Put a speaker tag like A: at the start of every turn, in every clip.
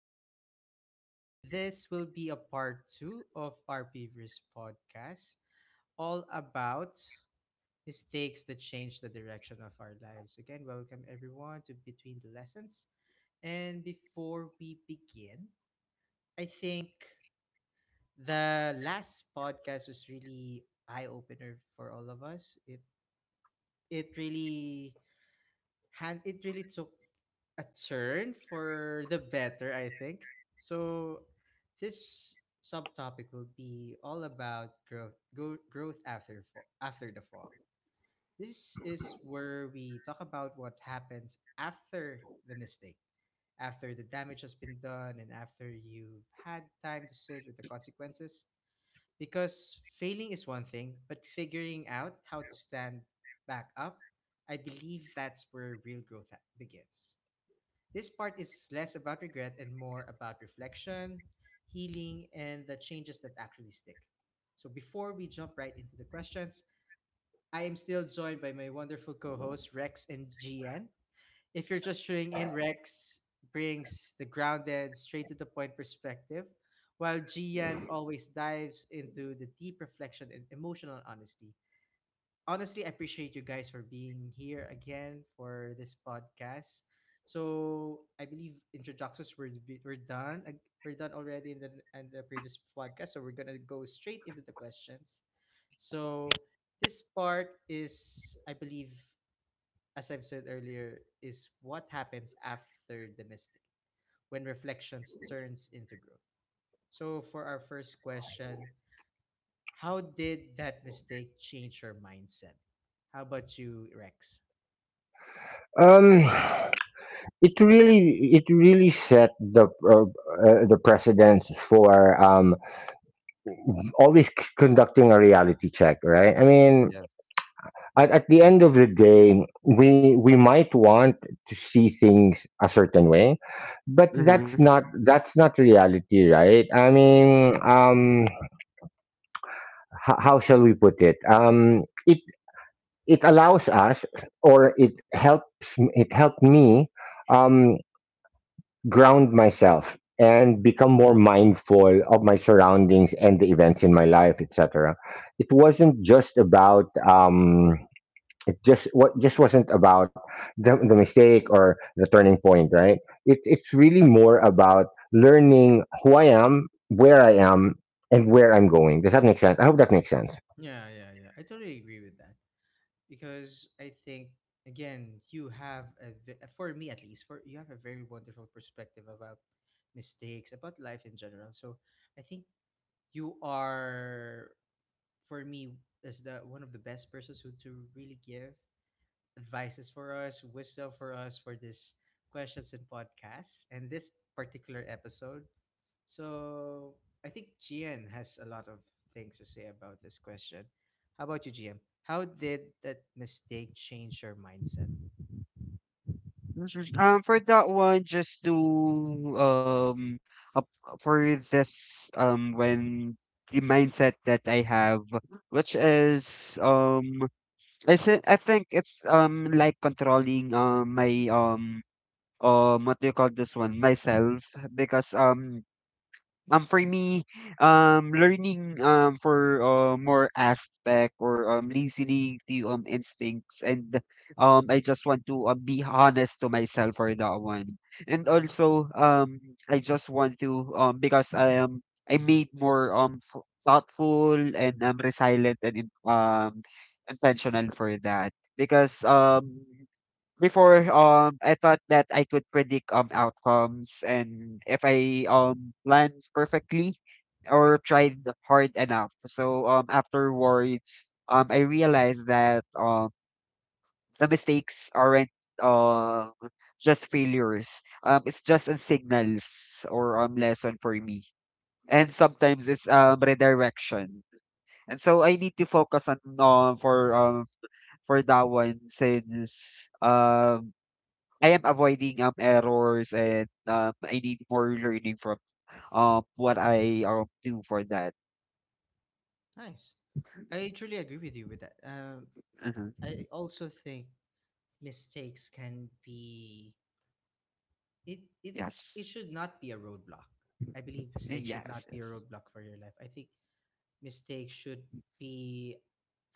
A: Sep, and this will be a part two of our previous podcast, all about mistakes that change the direction of our lives. Again, welcome everyone to Between the Lessons. And before we begin, I think the last podcast was really eye opener for all of us. It really it really took a turn for the better, I think. So, this subtopic will be all about growth after fall, after the fall. This is where we talk about what happens after the mistake, after the damage has been done, and after you've had time to sit with the consequences. Because failing is one thing, but figuring out how to stand back up, I believe that's where real growth begins. This part is less about regret and more about reflection, healing, and the changes that actually stick. So before we jump right into the questions, I am still joined by my wonderful co-hosts Rex and Gian. If you're just tuning in, Rex brings the grounded, straight to the point perspective, while Gian always dives into the deep reflection and emotional honesty. Honestly, appreciate you guys for being here again for this podcast. So I believe introductions we're done. We're done already in the previous podcast, so we're gonna go straight into the questions. So this part is, I believe, as I've said earlier, is what happens after the mistake when reflections turns into growth. So for our first question, how did that mistake change your mindset? How about you, Rex?
B: Um, it really set the precedence for always conducting a reality check, right? I mean,
C: Yes.
B: at the end of the day, we might want to see things a certain way, but
C: Mhm.
B: that's not reality, right? I mean, how shall we put it? It allows us, or it helped me. Um, Ground myself and become more mindful of my surroundings and the events in my life etc. It wasn't just about it just what just wasn't about the mistake or the turning point, right? It's really more about learning who I am, where I am, and where I'm going. Does that make sense? I hope that makes sense.
A: Yeah, yeah, yeah. I totally agree with that because I think again, you have a ve- for me at least, for you have a very wonderful perspective about mistakes, about life in general. So I think you are for me is the one of the best persons who to really give advices for us, wisdom for us for this questions and podcasts and this particular episode. So I think Gian has a lot of things to say about this question. How about you, GM? How did that mistake change your mindset?
C: Mhm. For that one, just to um, up for this when the mindset that I have, which is I said I think it's like controlling my what do you call this one myself because for me, learning for more aspect or listening to instincts. And I just want to be honest to myself for that one. And
A: Mm-hmm.
C: also I just want to because I made more thoughtful and resilient and intentional for that because before I thought that I could predict outcomes and if I planned perfectly or tried hard enough. So afterwards I realized that the mistakes aren't um just failures. It's just a signals or lesson for me. And sometimes it's redirection. And so I need to focus on for that one since I am avoiding errors and I need more learning from what I do for that.
A: Nice. I truly agree with you with that.
C: Uh-huh.
A: I also think mistakes can be it
C: Yes.
A: should not be a roadblock. I believe mistakes should
C: Yes.
A: not be a
C: Yes.
A: roadblock for your life. I think mistakes should be,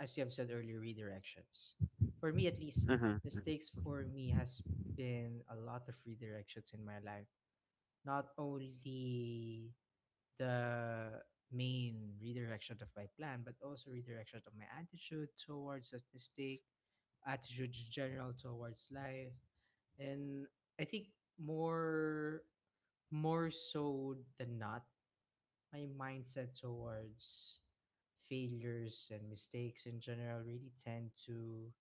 A: as you have said earlier, redirections. For me, at least,
C: Uh-huh.
A: mistakes for me has been a lot of redirections in my life. Not only the main redirection of my plan, but also redirection of my attitude towards that mistake, attitude in general towards life. And I think more more so than not, my mindset towards failures and mistakes in general really tend to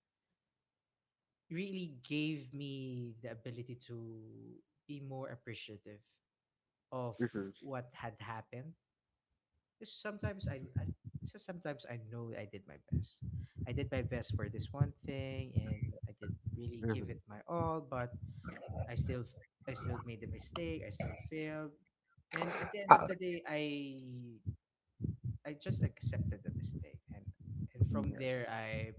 A: really gave me the ability to be more appreciative of
C: Uh-huh.
A: what had happened. 'Cause sometimes I know I did my best. I did my best for this one thing, and I did really
C: Uh-huh.
A: give it my all. But I still I still made the mistake. I still failed. And at the end of the day, I just accepted the mistake, and from there
C: Yes.
A: I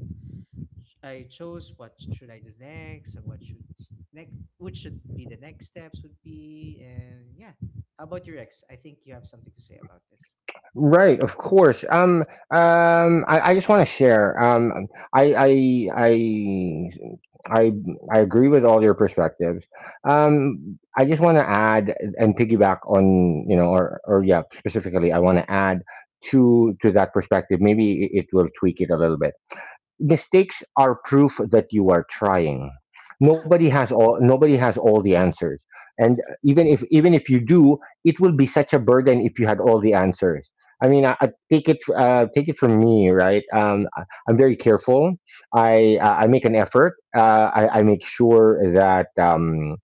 A: I chose what should I do next, and what should be the next steps would be, and yeah. How about your ex? I think you have something to say about this.
B: Right, of course. I just want to share. I, I, I, I, I agree with all your perspectives. I just want to add and piggyback on, you know, or yeah, specifically, I want to add to that perspective. Maybe it will tweak it a little bit. Mistakes are proof that you are trying.
A: Yeah.
B: Nobody has all the answers, and
A: Yeah, true.
B: even if you do, it will be such a burden if you had all the answers. I mean I take take it from me, right? I'm very careful. I make an effort. I make sure that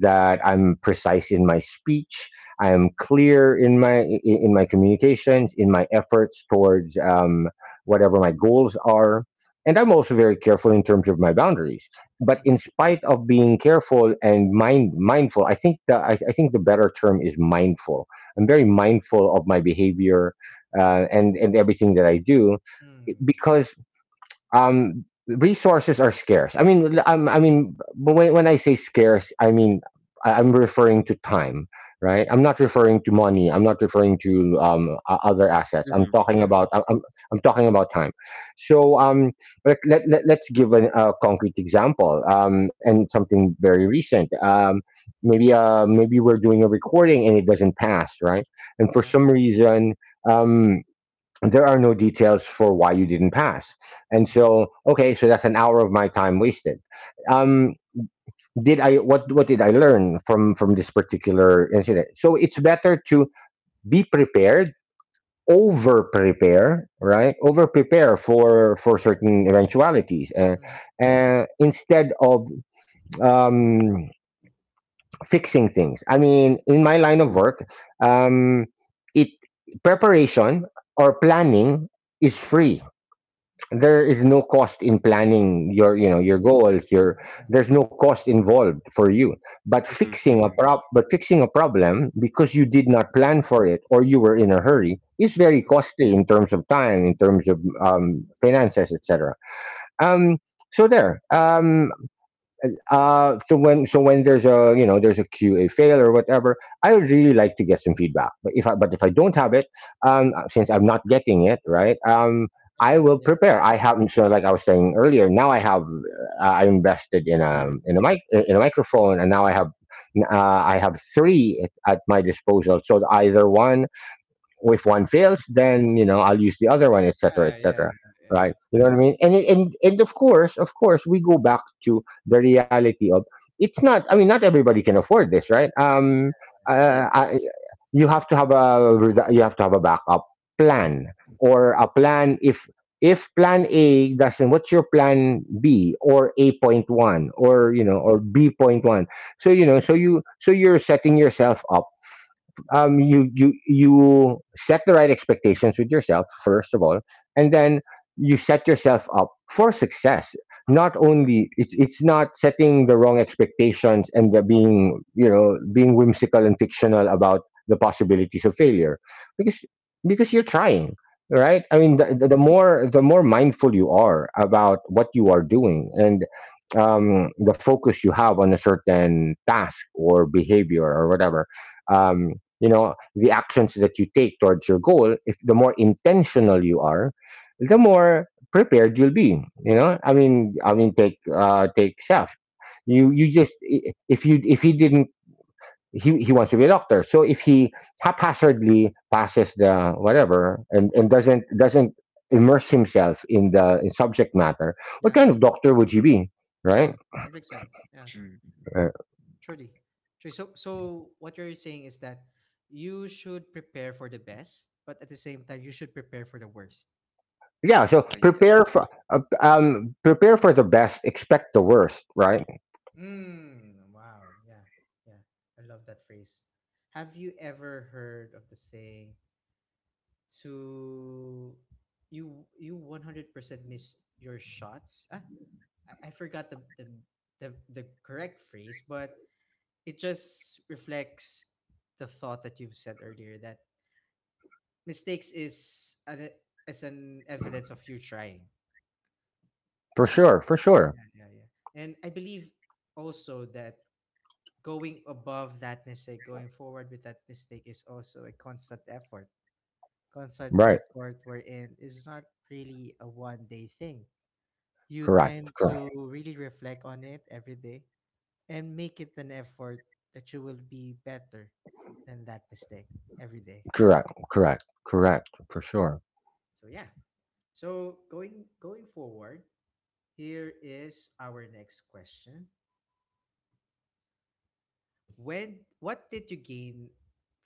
B: that I'm precise in my speech. I am clear in my in my communications, in my efforts towards whatever my goals are, and I'm also very careful in terms of my boundaries. But
A: Mm-hmm.
B: in spite of being careful and mindful, I think the better term is mindful. I'm very mindful of my behavior and everything that I do
A: Mm,
B: because resources are scarce. I mean I mean, but when I say scarce, I mean I'm referring to time, right? I'm not referring to money. I'm not referring to other assets.
C: Uh-huh.
A: true.
C: Yes.
B: I'm talking about time. So let's give a concrete example, and something very recent. Maybe we're doing a recording and it doesn't pass, right? And for
A: Yeah.
B: some reason um there are no details for why you didn't pass. And
A: Mm-hmm.
B: so okay, so that's an hour of my time wasted. um did I what did I learn from this particular incident? So it's better to be prepared, over prepare, right? Over prepare for certain eventualities,
A: Mm-hmm.
B: instead of um fixing things. I mean, in my line of
C: Uh-huh.
B: work, um it preparation or planning is free. There is no cost in planning your, you know, your
A: Mm,
B: goals, your—
A: yeah.
B: there's no cost involved for you. But
C: Uh-huh.
B: fixing a problem because you did not plan for it or you were in a hurry is very
A: Mm,
B: costly in terms of time, in
A: mm,
B: terms of finances, etc. um so there um so when, there's a, you know, there's a QA fail or whatever, I would really like to get some feedback. But if I don't have it, since I'm not getting it, right? I
A: yeah.
B: will
A: Yeah.
B: prepare. I have, so like I was saying earlier, now I have I invested in a,
C: Uh-huh.
B: in a mic in a microphone, and now uh, I have three at my disposal. So either one, if one fails, then you know, I'll use the other one, etc.
A: Ah, yeah.
B: etc.
A: Yeah. Yeah. Yeah.
B: Right, you know what I mean? And and of course, we go back to the reality of, it's not, I mean, not everybody can afford this, right? Uh, I,
C: Yes.
B: you have to have a you have to have a backup plan, or a plan. If plan A doesn't— what's your plan B, or A point one, or you
A: Mm-hmm.
B: know, or B point one? So you know, so you're setting yourself up. Um, you set the right expectations with yourself first of all, and
A: Mm-hmm.
B: then you set yourself up for success. Not only, it's not setting the wrong expectations and the being, you know, being whimsical and fictional about the possibilities of failure, because you're trying, right? I mean,
A: Mm-hmm.
B: the more mindful you are about what you are doing, and the focus you have on a certain task or behavior or whatever. Um, you know, the actions that you take towards your goal— if the more intentional you are, the more prepared you'll be. You know, I mean, take take chef.
A: Mm-hmm.
B: If you if he didn't— he wants to be a doctor, so if he haphazardly passes the whatever, and doesn't, immerse himself in the, in subject matter, what
A: Yeah.
B: kind of doctor would he be,
A: Yeah.
B: right?
A: It makes sense. Yeah.
C: Mm.
B: Uh,
A: Truly. Truly. So, so what you're saying is that you should prepare for the best, but at the same time, you should prepare for the worst.
B: yeah, so
C: Yeah.
B: prepare for prepare for the best, expect the worst, right?
A: Mm, wow. Yeah. Yeah. I love that phrase. Have you ever heard of the saying to you 100% miss your shots? Ah, I forgot the correct phrase, but it just reflects the thought that you've said earlier that mistakes is an evidence of you trying.
B: For sure, for sure.
A: Yeah, yeah, yeah. And I believe also that going above that mistake, going forward with that mistake is also a constant effort. Constant
B: Right.
A: effort wherein is not really a one day thing. You tend
B: Correct. Correct.
A: to really reflect on it every day and make it an effort that you will be better than that mistake every day.
B: Correct. Correct. Correct. For sure.
A: So yeah. So going forward. Here is our next question. When What did you gain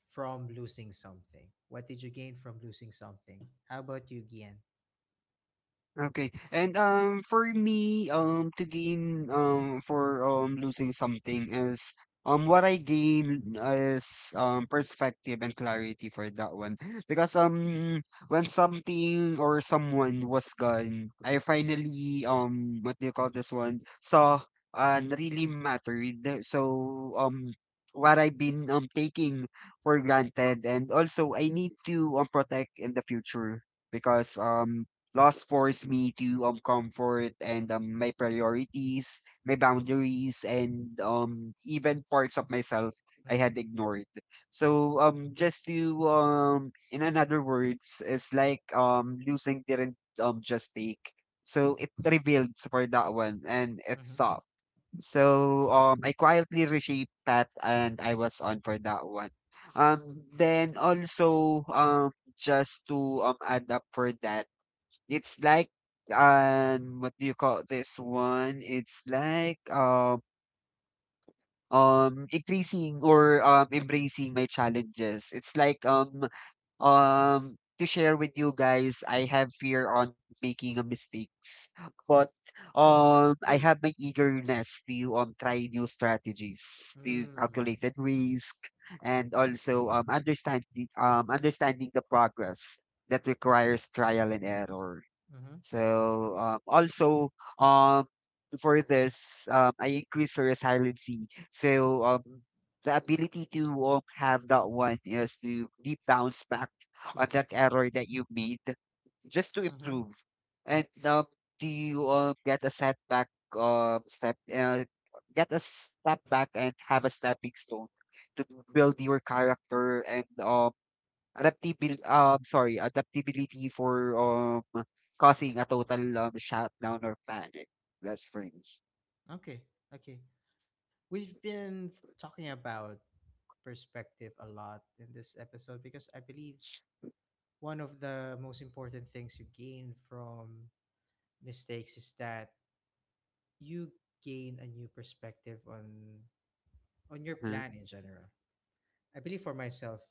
A: from losing something? What did you gain from losing something? How about you, Gian?
C: Okay. And for me, to gain for losing something is what I gain is perspective and clarity for that one. Because when something or someone was gone, I finally what do you call this one? Saw and really mattered. So what I've been taking for granted and also I need to protect in the future, because loss forced me to comfort and my priorities, my boundaries, and even parts of myself I had
A: Mm,
C: ignored. So just to in another words, it's like losing didn't just take. So it revealed for that one and it
A: mm-hmm.
C: stopped. So I quietly reshaped that and I was on for that one. Then also just to add up for that, it's like, what do you call this one? It's like, increasing or embracing my challenges. It's like, to share with you guys, I have fear on making a mistakes, but
A: Oh, sure.
C: I
A: Really?
C: have my eagerness to try new strategies, to
A: Mm,
C: calculated risk, and also understanding the progress that requires trial and error.
A: mm-hmm,
C: So also um for this I increase the resiliency. So the ability to have that one is to be bounce back on that error that you made just to
A: mm-hmm.
C: improve. And do you get a setback step get a step back and have a stepping stone to build your character and adaptability. Sorry, adaptability for, causing a total, shutdown or panic. That's for me.
A: Okay, okay. We've been talking about perspective a lot in this episode because I believe one of the most important things you gain from mistakes is that you gain a new perspective on your
C: Mhm,
A: plan in general. I believe for myself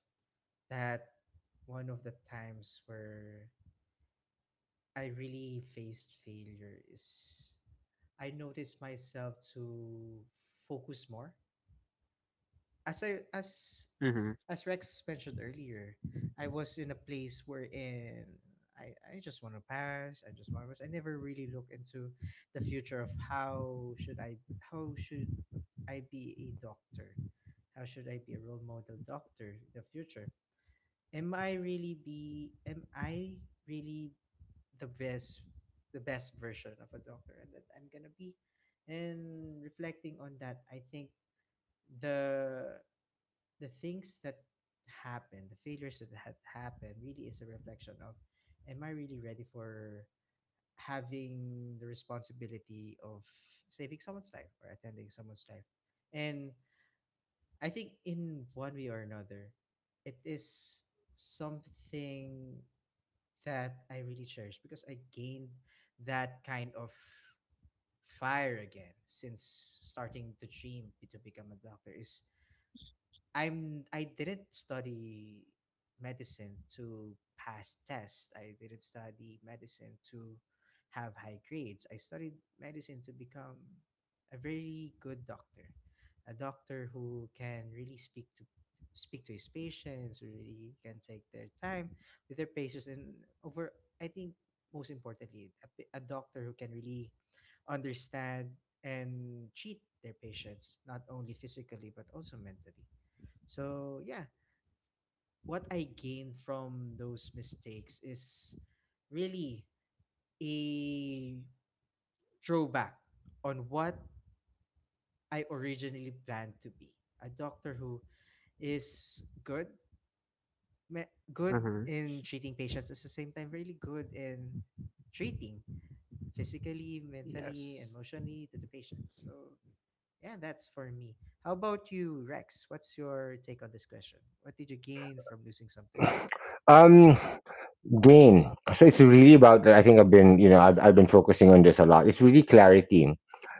A: that one of the times where I really faced failure is I noticed myself to focus more as I as
C: mhm,
A: as Rex mentioned earlier, I was in a place wherein I just want to pass. I just want to pass. I never really look into the future of how should I be a doctor? How should I be a role model doctor in the future? Am I really the best the best version of a doctor and that I'm gonna be? And reflecting on that, I think the the things that happened, the failures that had happened, really is a reflection of, am I really ready for having the responsibility of saving someone's life or attending someone's life? And I think in one way or another, it is something that I really cherish because I gained that kind of fire again since starting to dream to become a doctor is I didn't study medicine to pass tests. I didn't study medicine to have high grades. I studied medicine to become a very good doctor, a doctor who can really speak to his patients, who really can take their time with their patients, and over I think most importantly, a doctor who can really understand and treat their patients not only physically but also mentally so yeah, what I gained from those mistakes is really a throwback on what I originally planned to be. A doctor who is good
C: mhm.
A: in treating patients, at the same time really good in treating physically,
C: Yes.
A: mentally, emotionally to the patients. So yeah, that's for me. How about you, Rex? What's your take on this question? What did you gain from losing something?
B: Um, gain. So it's really about, I think I've been, you know, I've been focusing on this a lot. It's really clarity.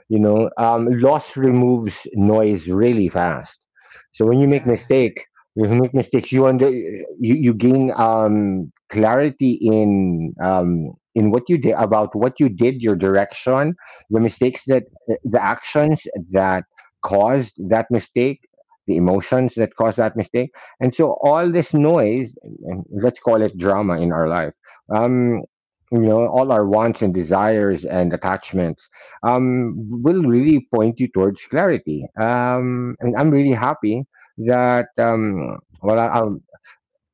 B: You know,
A: Mm.
B: loss removes noise really fast. So when you make
A: Yeah.
B: mistake, when you make mistakes, you under— you gain clarity in what you did, about what you did, your direction, the mistakes that, the actions that caused that mistake, the emotions that caused that mistake. And so all this noise, and let's call it drama in our life. Um, you know, all our wants and desires and attachments, um, will really point you towards clarity. And I'm really happy that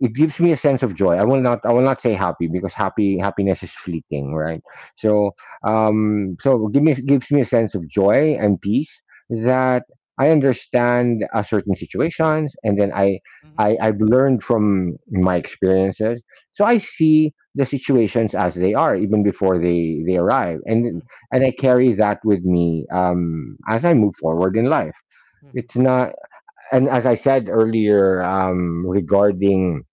B: it gives me a sense of joy. I will not say happy, because happy happiness is fleeting, right? So gives me a sense of joy and peace, that I understand certain situations, and then
A: Mhm, mhm,
B: I, I've learned from my experiences. So I see the situations as they are, even before they arrive,
A: mhm,
B: and I carry that with me as I move forward in life.
A: mhm.
B: It's not— and as I said earlier, um, regarding,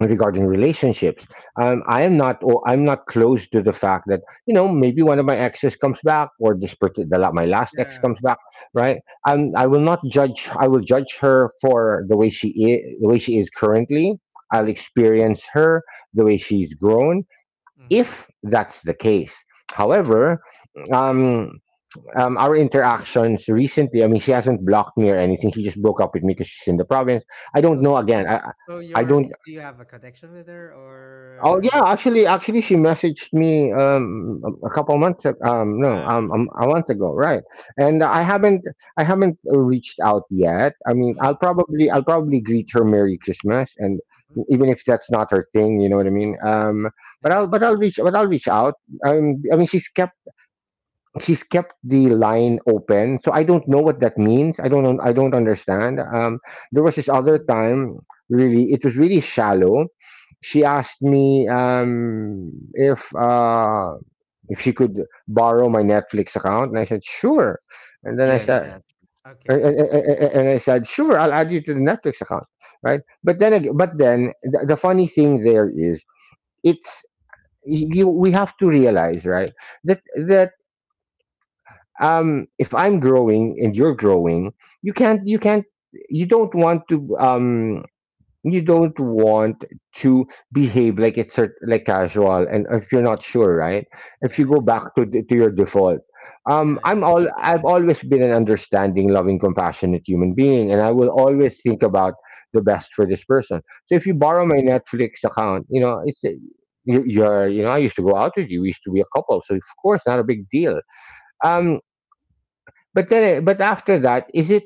B: relationships, I am not— oh, I'm not close to the fact that, you know, maybe one of my exes comes back, or this parti- the la my last ex
A: Yeah,
B: comes back,
A: yeah.
B: right? Um, I will not judge— I will judge her for the way she is, the way she is currently. I'll
A: Mhm,
B: experience her the way she's grown,
A: mhm,
B: if that's the case.
A: mhm.
B: However, um, our interactions recently, I mean, she hasn't blocked me or anything. She just broke up with me because she's in the province. I don't
A: Oh,
B: know.
A: so
B: Again,
A: so
B: I
A: you're
B: don't—
A: do you have a connection with her
B: oh,
A: or
B: yeah, actually she messaged me, a couple months ag no,
A: ah,
B: a month ago, right, and I haven't— I haven't reached out yet. I mean,
A: mm,
B: I'll probably greet her "Merry Christmas," and
A: mhm,
B: even if that's not her thing, you know what I mean? But
A: yeah.
B: I'll reach out. I mean, she's kept the line open. So I don't know what that means. I don't know. I don't understand. Um, there was this other
A: Mm,
B: time, really, it was really shallow. She asked me um, if uh, if she could borrow my Netflix account, and I said sure. And then I
A: okay.
C: Yes,
B: said—
C: yes, yes.
A: Okay.
B: and I said, sure, I'll add you to the Netflix account, right? But then the funny thing there is, it's— you, we have to realize, right, that um, if I'm growing and you're growing, you can't— you don't want to um, you don't want to behave like it's like casual, and if you're not sure, right, if you
A: Yeah,
B: go
A: yeah.
B: back to to your default,
A: Yeah,
B: um, I'm
A: yeah, yeah.
B: all— I've always been an understanding, loving, compassionate human being, and I will
A: Mhm,
B: always think about the best for this person. So if you
A: mhm.
B: borrow my Netflix account, you know, it's— you— you're, you know, I used to go out with you, we used to be a couple, so of course, not a big deal. Um, but then, eh, but after that, is it?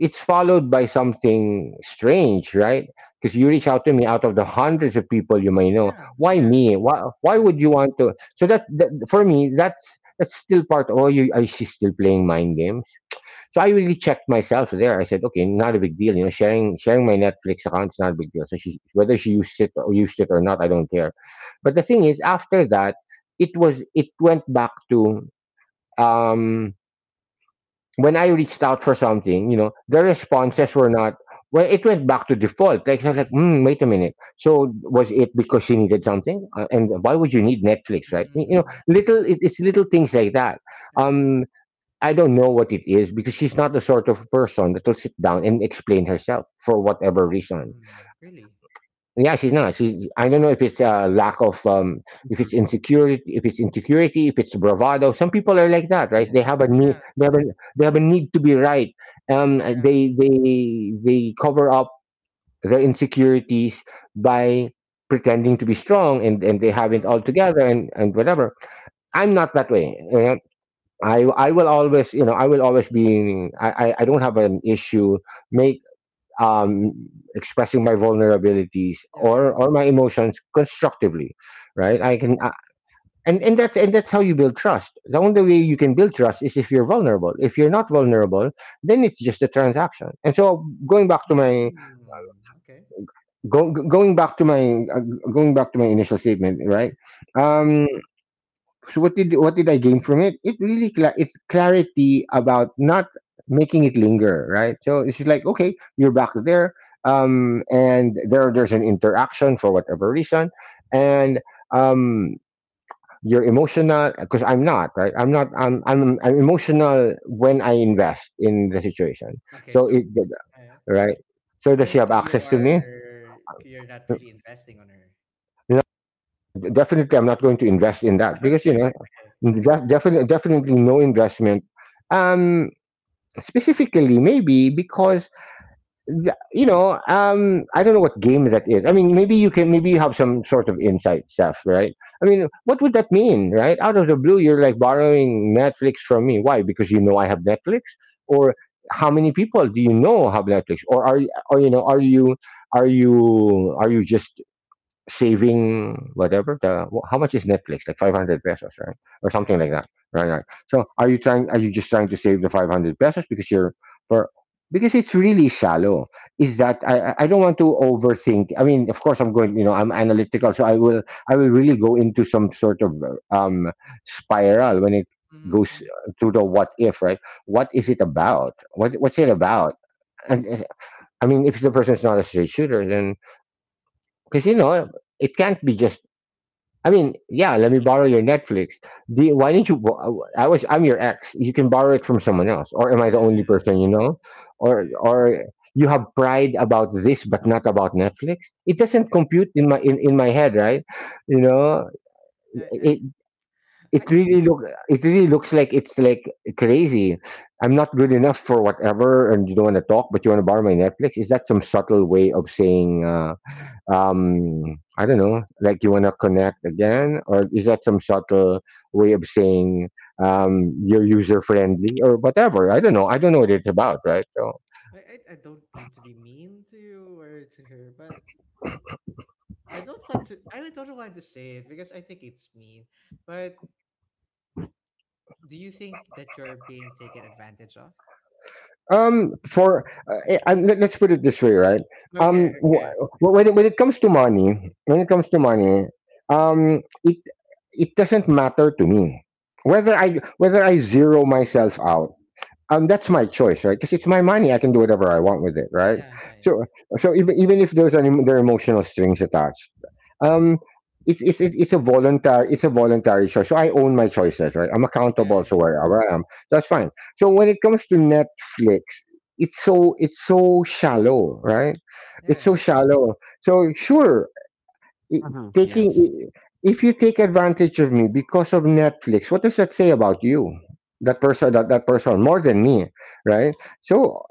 B: It's followed by something strange, right? Because you reach
A: Mm.
B: out to me out of the hundreds of people you may know.
A: Yeah,
B: Why
A: yeah,
B: me? Why? Why
A: yeah,
B: would you want to? So that, that for me, that's— that's still part. Oh, you, I— she's still playing mind games. So I really checked myself there. I said, okay, not a big deal. You know, sharing my Netflix account is not a big deal. So she, whether she used it or not, I don't care. But the thing is, after that, it went back to um when I reached out for something, you know, the
A: yeah.
B: responses were not. Well, it went back to default. Like I was like, "Hmm, wait a minute. So was it because she needed something? And why would you need Netflix, right? You know,
A: Mm,
B: it's little things like that.
A: yeah.
B: Um, I don't know what it is because she's not the sort of person that will sit down and explain herself for whatever reason.
A: Mm, really?
B: Yeah, she's not. I don't know if it's a lack of, if it's
C: Mhm,
B: insecurity, if it's insecurity, if it's bravado. Some people are like that, right?
C: yes.
A: Yeah,
B: They have a need to be right.
A: yeah,
B: They cover up their insecurities by pretending to be strong and they have it
A: true.
B: all together and whatever. I'm not that way. You know? I will always, you know, I will always be, I don't have an issue um, expressing my vulnerabilities
A: Yeah,
B: or
A: yeah,
B: my emotions constructively, right?
A: yeah.
B: I can, and that's how you build trust. The only way you can build trust is if you're vulnerable. If you're not vulnerable, then it's just a transaction. And so
A: Mm, okay.
B: going back to my going back to my initial statement, right?
A: Mm-hmm.
B: Um, so what did I gain from it? It really cla it's clarity about not making it linger, right? So it's just like okay, you're back there, and there's an interaction for whatever reason, and um, you're emotional because I'm not, right. I'm not. I'm emotional when I invest in the situation.
A: Okay,
B: So it
A: so yeah, yeah.
B: right. So
A: So
B: does she have
A: currently you
B: access to me?
A: are you're not really investing on her.
B: Definitely, I'm not going to invest in that
A: Okay.
B: because you know,
A: Okay.
B: definitely no investment. Um, specifically, maybe because you know, I don't know what game that is. I mean, maybe you can, maybe you have some sort of insight stuff, right? I mean, what would that mean, right? Out of the blue, you're like borrowing Netflix from me. Why? Because you know I have Netflix, or how many people do you know have Netflix, or are you, or you know, are you just saving whatever the how much is Netflix, like 500 pesos, right, or
A: Yeah.
B: something like that, right,
A: Yeah.
B: right. So are you just trying to save the 500 pesos because you're for because it's really shallow, is that I don't want to overthink. I mean of course I'm going, you know, I'm analytical so I will really go into some sort of spiral when it
A: Mm-hmm.
B: goes
A: Hmm.
B: to the what if, right?
A: Yeah.
B: What what's it
A: Yeah.
B: about? And I mean if the person's not a straight shooter, then because you know it can't be just, I mean, yeah, let me borrow your Netflix. Why didn't you? I'm your ex. You can borrow it from someone else, or am I the only person you know?
A: Yeah. Yeah.
B: Or you have pride about this, but not about Netflix. It doesn't compute in my in my head, right? You know,
A: Yeah.
B: it it
A: I think
B: really look it really looks like it's like crazy. I'm not good enough for whatever, and you don't want to talk, but you want to borrow my Netflix. Is that some subtle way of saying? I don't know, like you want to connect again, or is that some subtle way of saying you're user friendly or whatever. I don't know, I don't know what it's about, right? So
A: I don't mean to be mean to you or to her, but I really don't want to say it because I think it's mean. But do you think that you're being taken advantage of?
B: for and let's put it this way, right. um
A: Okay, okay.
B: wh- when it comes to money when it comes to money it it doesn't matter to me whether I zero myself out. That's my choice, right? Because it's my money, I can do whatever I want with it, right?
A: Yeah, yeah, yeah,
B: So even if there are emotional strings attached, um it's a voluntary choice, so I own my choices, right? I'm accountable
A: yeah,
B: to wherever I am. That's fine. So when it comes to Netflix, it's so shallow, right?
A: yeah,
B: It's
A: yeah,
B: so
A: yeah.
B: shallow. So sure, i-
C: Mhm,
B: taking
C: yes.
B: i- if you take advantage of me because of Netflix, what does that say about you? That person, that person more than me, right? So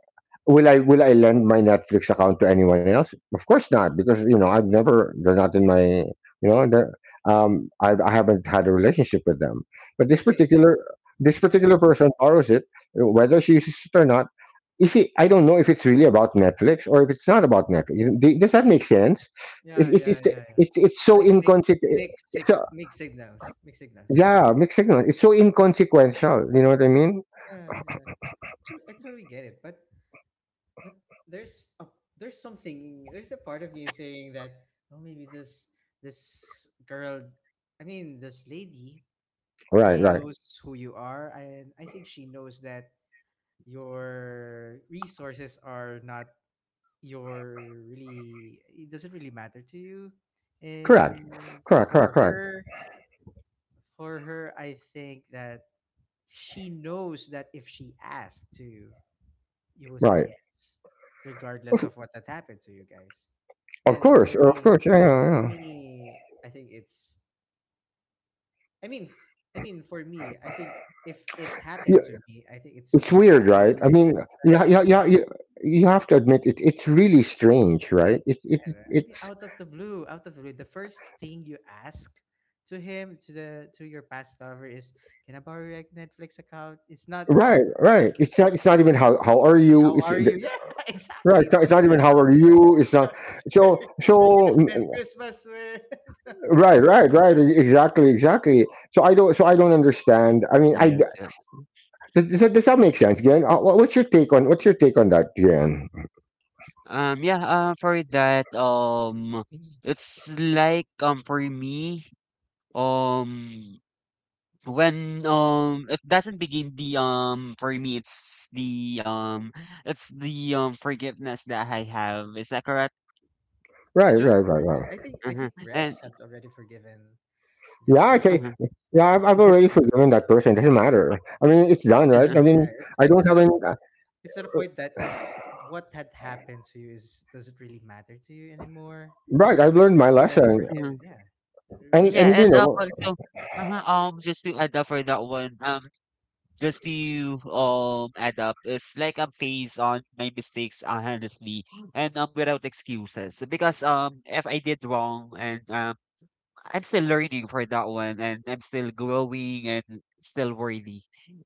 B: will I will I lend my Netflix account to anyone else? Of course not, because you know I've never, they're not in my, you know, I haven't had a relationship with them. But this
A: Okay, so,
B: particular, this
A: yeah,
B: particular person borrows it, whether she uses it or not. You see, I don't know if it's really about Netflix or if it's not about Netflix. Does that make sense? It,
A: yeah, yeah, yeah, yeah.
B: it's
A: It's
B: so
A: like make
B: inconsequential.
A: make six
B: So,
A: make signals.
B: yeah, mixed signal. It's so inconsequential. You know what I mean?
A: Yeah, yeah. True, I totally get it. But there's a there's a part of you saying that oh maybe this girl, I mean this lady
B: Right,
A: really
B: right.
A: knows who you are, and I think she knows that your resources are not your really it doesn't really matter to you,
B: Correct.
A: and for
B: Correct.
A: her for her I think that she knows that if she asked to. You will say
B: Right.
A: yes, regardless of what that happened to you guys. And
B: Of course,
A: for
B: yeah.
A: me, I think it's. I mean, I mean, for me, I think if it
B: Yeah,
A: happened to me, I think it's
B: it's weird, right? I
A: very
B: mean,
A: advantageous
B: yeah.
A: to
B: You have to admit it. It's really strange, right?
A: them. I mean,
B: It's
A: out of the blue, out of the blue, the first thing you ask to him, to the to your past lover is, "Can I borrow your Netflix account?" It's not.
B: right, right. It's
A: It's
B: not. It's not
A: not.
B: even, how are
A: It's not
B: you?
A: how
B: It's
A: are you? Yeah,
B: right.
A: exactly. It's
B: It's
A: not
B: not
A: even
B: even how are you. It's not.
A: we're,
B: So so
A: we're gonna
B: mm,
A: spend Christmas with.
B: right. Exactly, exactly. So I don't understand. I mean,
C: Yes, yes.
B: does that make sense, Jen? What's your take on that, Jen?
C: Yeah, for that, it's like, for me, um, when, it doesn't begin the, for me, it's the, forgiveness that I have. Is that correct?
A: Did you? Yeah,
B: Right.
A: I think I
C: Uh-huh,
A: think
C: and
A: Rex had already forgiven this
B: Yeah, I can,
A: person.
C: uh-huh,
B: yeah, I've already forgiven that person. Doesn't matter. I mean, it's done, right? I
C: uh-huh,
B: mean,
A: Yeah, it's
B: I
A: it's
B: don't have
A: sort of
B: any.
A: it's at a point that it what had happened to you is does it really matter to you anymore
B: Right, I've
A: because
B: learned
A: you
B: my
A: have already
B: lesson,
A: forgiven.
C: uh-huh.
A: Yeah, you
B: and
A: already.
C: Yeah,
B: you
C: and,
B: know,
C: also uh-huh, just to add up for that one, just to, add up, it's like I'm phased on my mistakes, honestly, and, without excuses. Because, if I did wrong and, I'm still learning for that one, and I'm still growing and still worthy.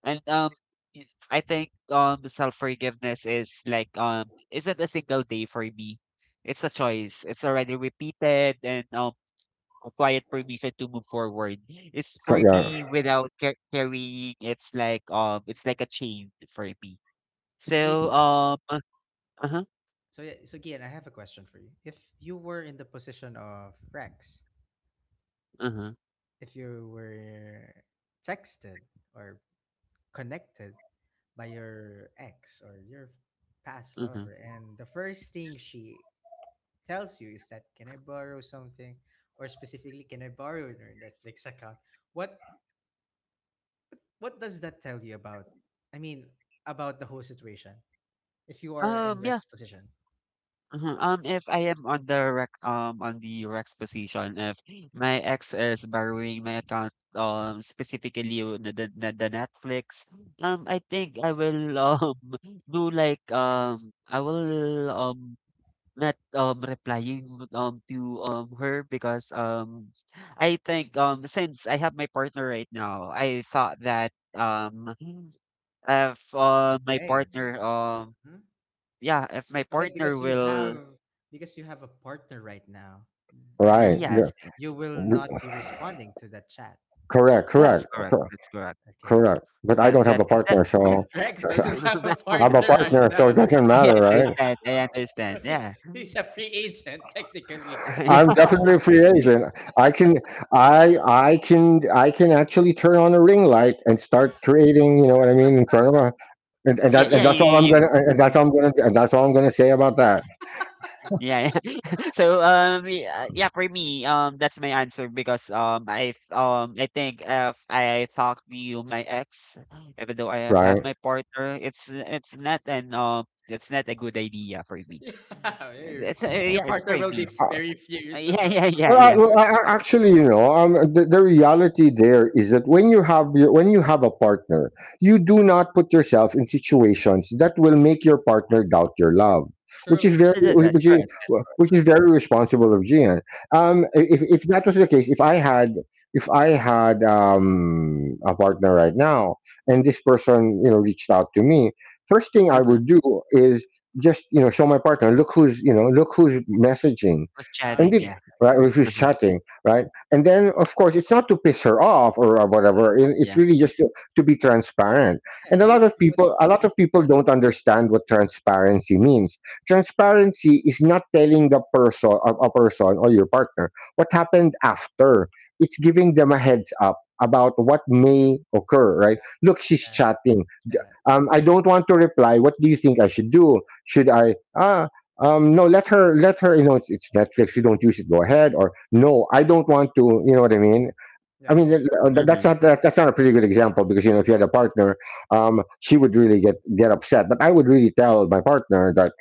C: And I think self forgiveness is like isn't a single day for me. It's a choice. It's already repeated and, a quiet permission to move forward. It's for
B: yeah,
C: me without carrying. It's like a chain for me.
A: So Gi,
C: So uh huh,
A: so Gian, I have a question for you. If you were in the position of Rex,
C: uh huh,
A: if you were texted or connected by your ex or your past
C: uh huh.
A: lover and the first thing she tells you is that can I borrow something, or specifically can I borrow your Netflix account? what what does that tell you about, i mean about the whole situation if you are in
C: Yeah.
A: Rex's position?
C: Mhm. If I am on the Rex position, if my ex is borrowing my account, specifically on the Netflix, I think I will, do like, I will, not, replying, to, her because, I think, since I have my partner right now, I thought that, if, my
A: Okay.
C: partner,
A: Mhm.
C: yeah, if my
A: Okay,
C: partner
A: because you have,
C: will.
A: because you have a partner right now,
B: right,
A: then
C: Yes,
A: you
C: yes.
A: will not
B: r-
A: be responding to that chat.
B: correct, correct,
C: That's correct,
B: cor-
C: that's correct.
A: Okay.
B: correct. But I
C: Yeah,
B: don't have
C: that
B: a partner,
A: But
B: so,
A: Rex
C: that
B: so
A: doesn't have a
B: I have a
A: partner right
B: partner, so
A: now.
B: it doesn't matter, right?
C: I
A: So
C: understand,
A: he,
C: yeah.
A: he's a free agent technically.
C: Yeah.
B: I'm definitely a free agent. I can, I can, I can actually turn on a ring light and start creating. You know what I mean, in front of a, and
C: Yeah,
B: that,
C: yeah,
B: and
C: you
B: that's all I'm
C: you
B: gonna,
C: you
B: and
C: uh-huh.
B: that's all I'm gonna, and that's all I'm gonna say about that.
C: Yeah, yeah. So, yeah, yeah, for me, that's my answer because, I've, I think if I talk to you, my ex, even though I have
B: Right.
C: my partner, it's not an, it's not a good idea for me.
A: Yeah,
C: It's,
A: your
C: yeah, it's
A: partner
C: for
A: will
C: me.
A: be
B: I
A: very furious
C: Yeah,
A: about
C: yeah,
A: you.
C: yeah,
B: Well,
C: yeah.
B: actually, you know, the reality there is that when you have your, when you have a partner, you do not put yourself in situations that will make your partner doubt your love, which
A: True.
B: is
A: True.
C: That's correct.
B: which is very responsible of Gian. If
A: Exactly.
B: that was the case, if I had, if I had a partner right now, and this person you know reached out to me, first thing I
C: That's, uh-huh.
B: would do is just, you know, show my partner, look who's, you know, look who's messaging.
C: Was
B: And
C: chatting,
B: be-
A: Okay.
C: yeah.
B: right?
A: Okay.
B: Or who's
C: uh
B: chatting, right? And then, of course, it's not to piss her off or whatever. It's
C: yeah.
B: really just to be transparent.
A: Yeah,
B: And a lot
A: you,
B: of
A: you want to
B: people, a
A: make
B: lot of
A: it
B: people
A: part of.
B: don't understand what transparency means. Transparency is not telling the person, a person or your partner, what happened after. It's giving them a heads up about what may occur, right? Look, she's
A: Yeah,
B: chatting.
A: yeah, exactly.
B: I don't want to reply. What do you think I should do? Should I? Ah, no, let her, let her, you know. It's Netflix, you don't use it, go ahead. Or no, I don't want to, you know what I mean. I
A: Yeah,
B: mean
A: yeah,
B: that, that's
C: Mhm.
B: not, that, that's not a pretty good example because you know if you had a partner, she would really get upset. But I would really tell my partner that,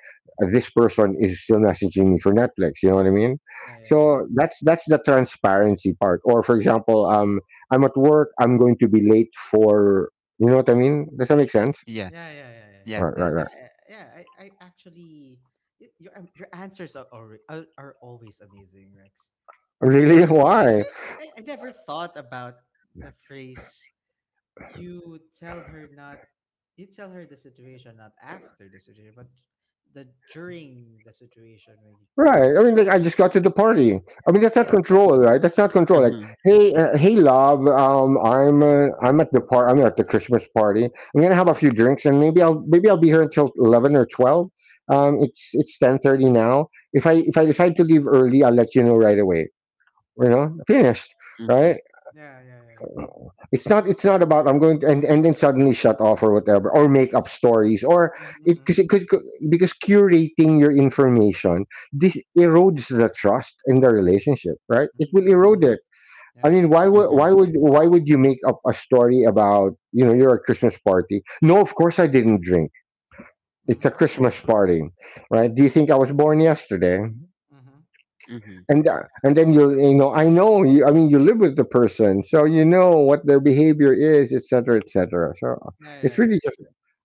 B: this person is still messaging me for Netflix, you know what I mean.
A: yeah, yeah,
B: So that's the transparency part. Or for example, I'm at work, I'm going to be late for, you know what I mean, does that make sense?
C: Yeah.
A: yeah, yeah, yeah, yeah, yeah.
C: Yes,
B: Right.
A: Yeah,
C: yes.
A: yeah, yeah, I y- your answers are already, are always amazing, Rex. I
B: Really?
A: never,
B: Why?
A: I never thought about the phrase, you tell her not, you tell her the situation not after the situation but the during the situation when you get.
B: Right. I mean, like, I just got to the party. I mean, that's not, yeah,
A: Yeah,
B: control, right? That's not control. Like,
C: Mhm,
B: hey, hey, love, I'm at the I'm at the Christmas party. I'm gonna have a few drinks, and maybe I'll be here until 11 or 12. It's 10:30 now. If I decide to leave early, I'll let you know right away. You know, finished,
C: mhm,
B: right?
A: yeah, yeah, yeah, yeah.
B: Uh, it's not. It's not about I'm going to and then suddenly shut off or whatever or make up stories or
A: Mm-hmm,
B: it because
A: mm-hmm.
B: it could because curating your information, this erodes the trust in the relationship, right? It will erode it. I
A: Yeah.
B: mean, why would why
C: mhm,
B: would why would you make up a story about you're a Christmas party? No, of course I didn't drink. It's a
A: Mm-hmm,
B: Christmas party, right? Do you think I was born yesterday?
A: mm-hmm.
C: mhm.
B: And and then I know you, I mean, you live with the person, so you know what their behavior is, etc, etc. So
A: Yeah, yeah,
B: it's
A: yeah.
B: really just,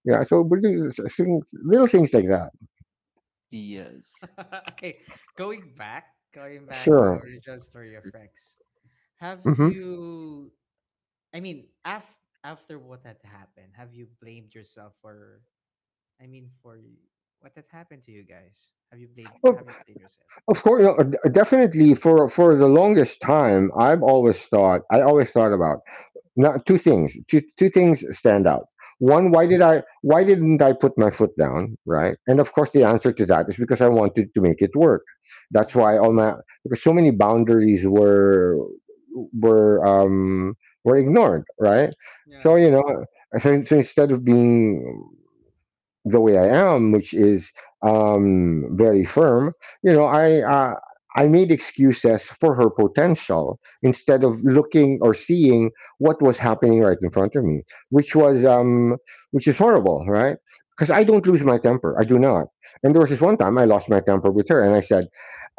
B: yeah, so we do things, little things like that.
C: Yes.
A: Okay. Going back, going back to the
B: Sure.
A: original story of Rex, have
B: Hmm.
A: you, af- after what had happened, have you blamed yourself for, for y- what had happened to you guys, have you blamed,
B: of,
A: have you blamed yourself?
B: of course, you know, definitely, for the longest time, I've always thought I always thought about, not two things. Two things stand out. One, why didn't I put my foot down, right? And of course, the answer to that is because I wanted to make it work. That's
A: Mhm.
B: why all my, because so many boundaries were, were were ignored, right? So
A: Yeah.
B: you know, so instead of being the way I am, which is very firm, you know,
A: Mhm.
B: I made excuses for her potential instead of looking or seeing what was happening right in front of me, which
A: Okay.
B: was which is horrible, right? Because I
A: Mhm.
B: don't lose my temper, I do not. And there was this one time I lost my temper with her, and I said,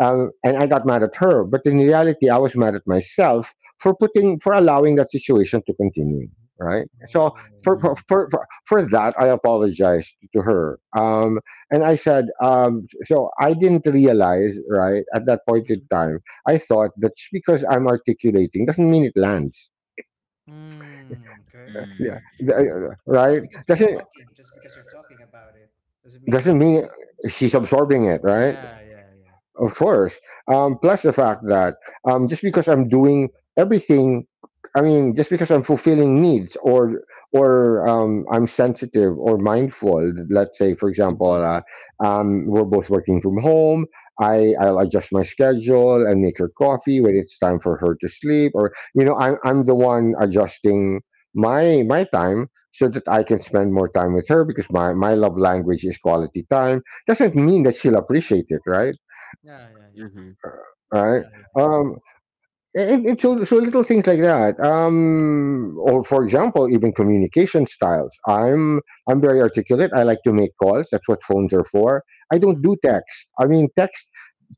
B: and I got mad at her, but in reality, I was mad at myself for putting for allowing that situation to continue, right? So for
A: Oh.
C: Mhm.
B: for, for for that, I apologized to her. And I said, so I didn't realize, right, at that point in
A: Mhm.
B: time, I thought that just because I'm articulating doesn't mean it lands.
A: Mm, okay.
B: Yeah.
C: Mm.
A: It, it, just
B: Right?
A: because you're
B: Doesn't,
A: talking, just because you're talking about it, does it mean.
B: mean she's absorbing it, right?
A: Yeah, yeah, yeah.
B: Of course. Plus the fact that just because I'm doing everything, I mean, just because I'm fulfilling needs or I'm sensitive or mindful. Let's say, for example,
C: Mhm,
B: we're both working from home. I'll adjust my schedule and make her
A: Mm-hmm.
B: coffee when it's time for her to sleep, or you know, I'm the one adjusting my time so that I can spend more time with her because my love language is quality time. Doesn't
A: Hmm.
B: mean that she'll appreciate it, right?
A: Yeah, yeah, yeah,
C: mhm.
B: Right.
A: yeah, yeah.
B: Um, and so, so little things like that. Or for example, even communication styles. I'm very articulate. I like to make calls. That's what phones are for. I don't
A: Mm-hmm.
B: do text. I mean, text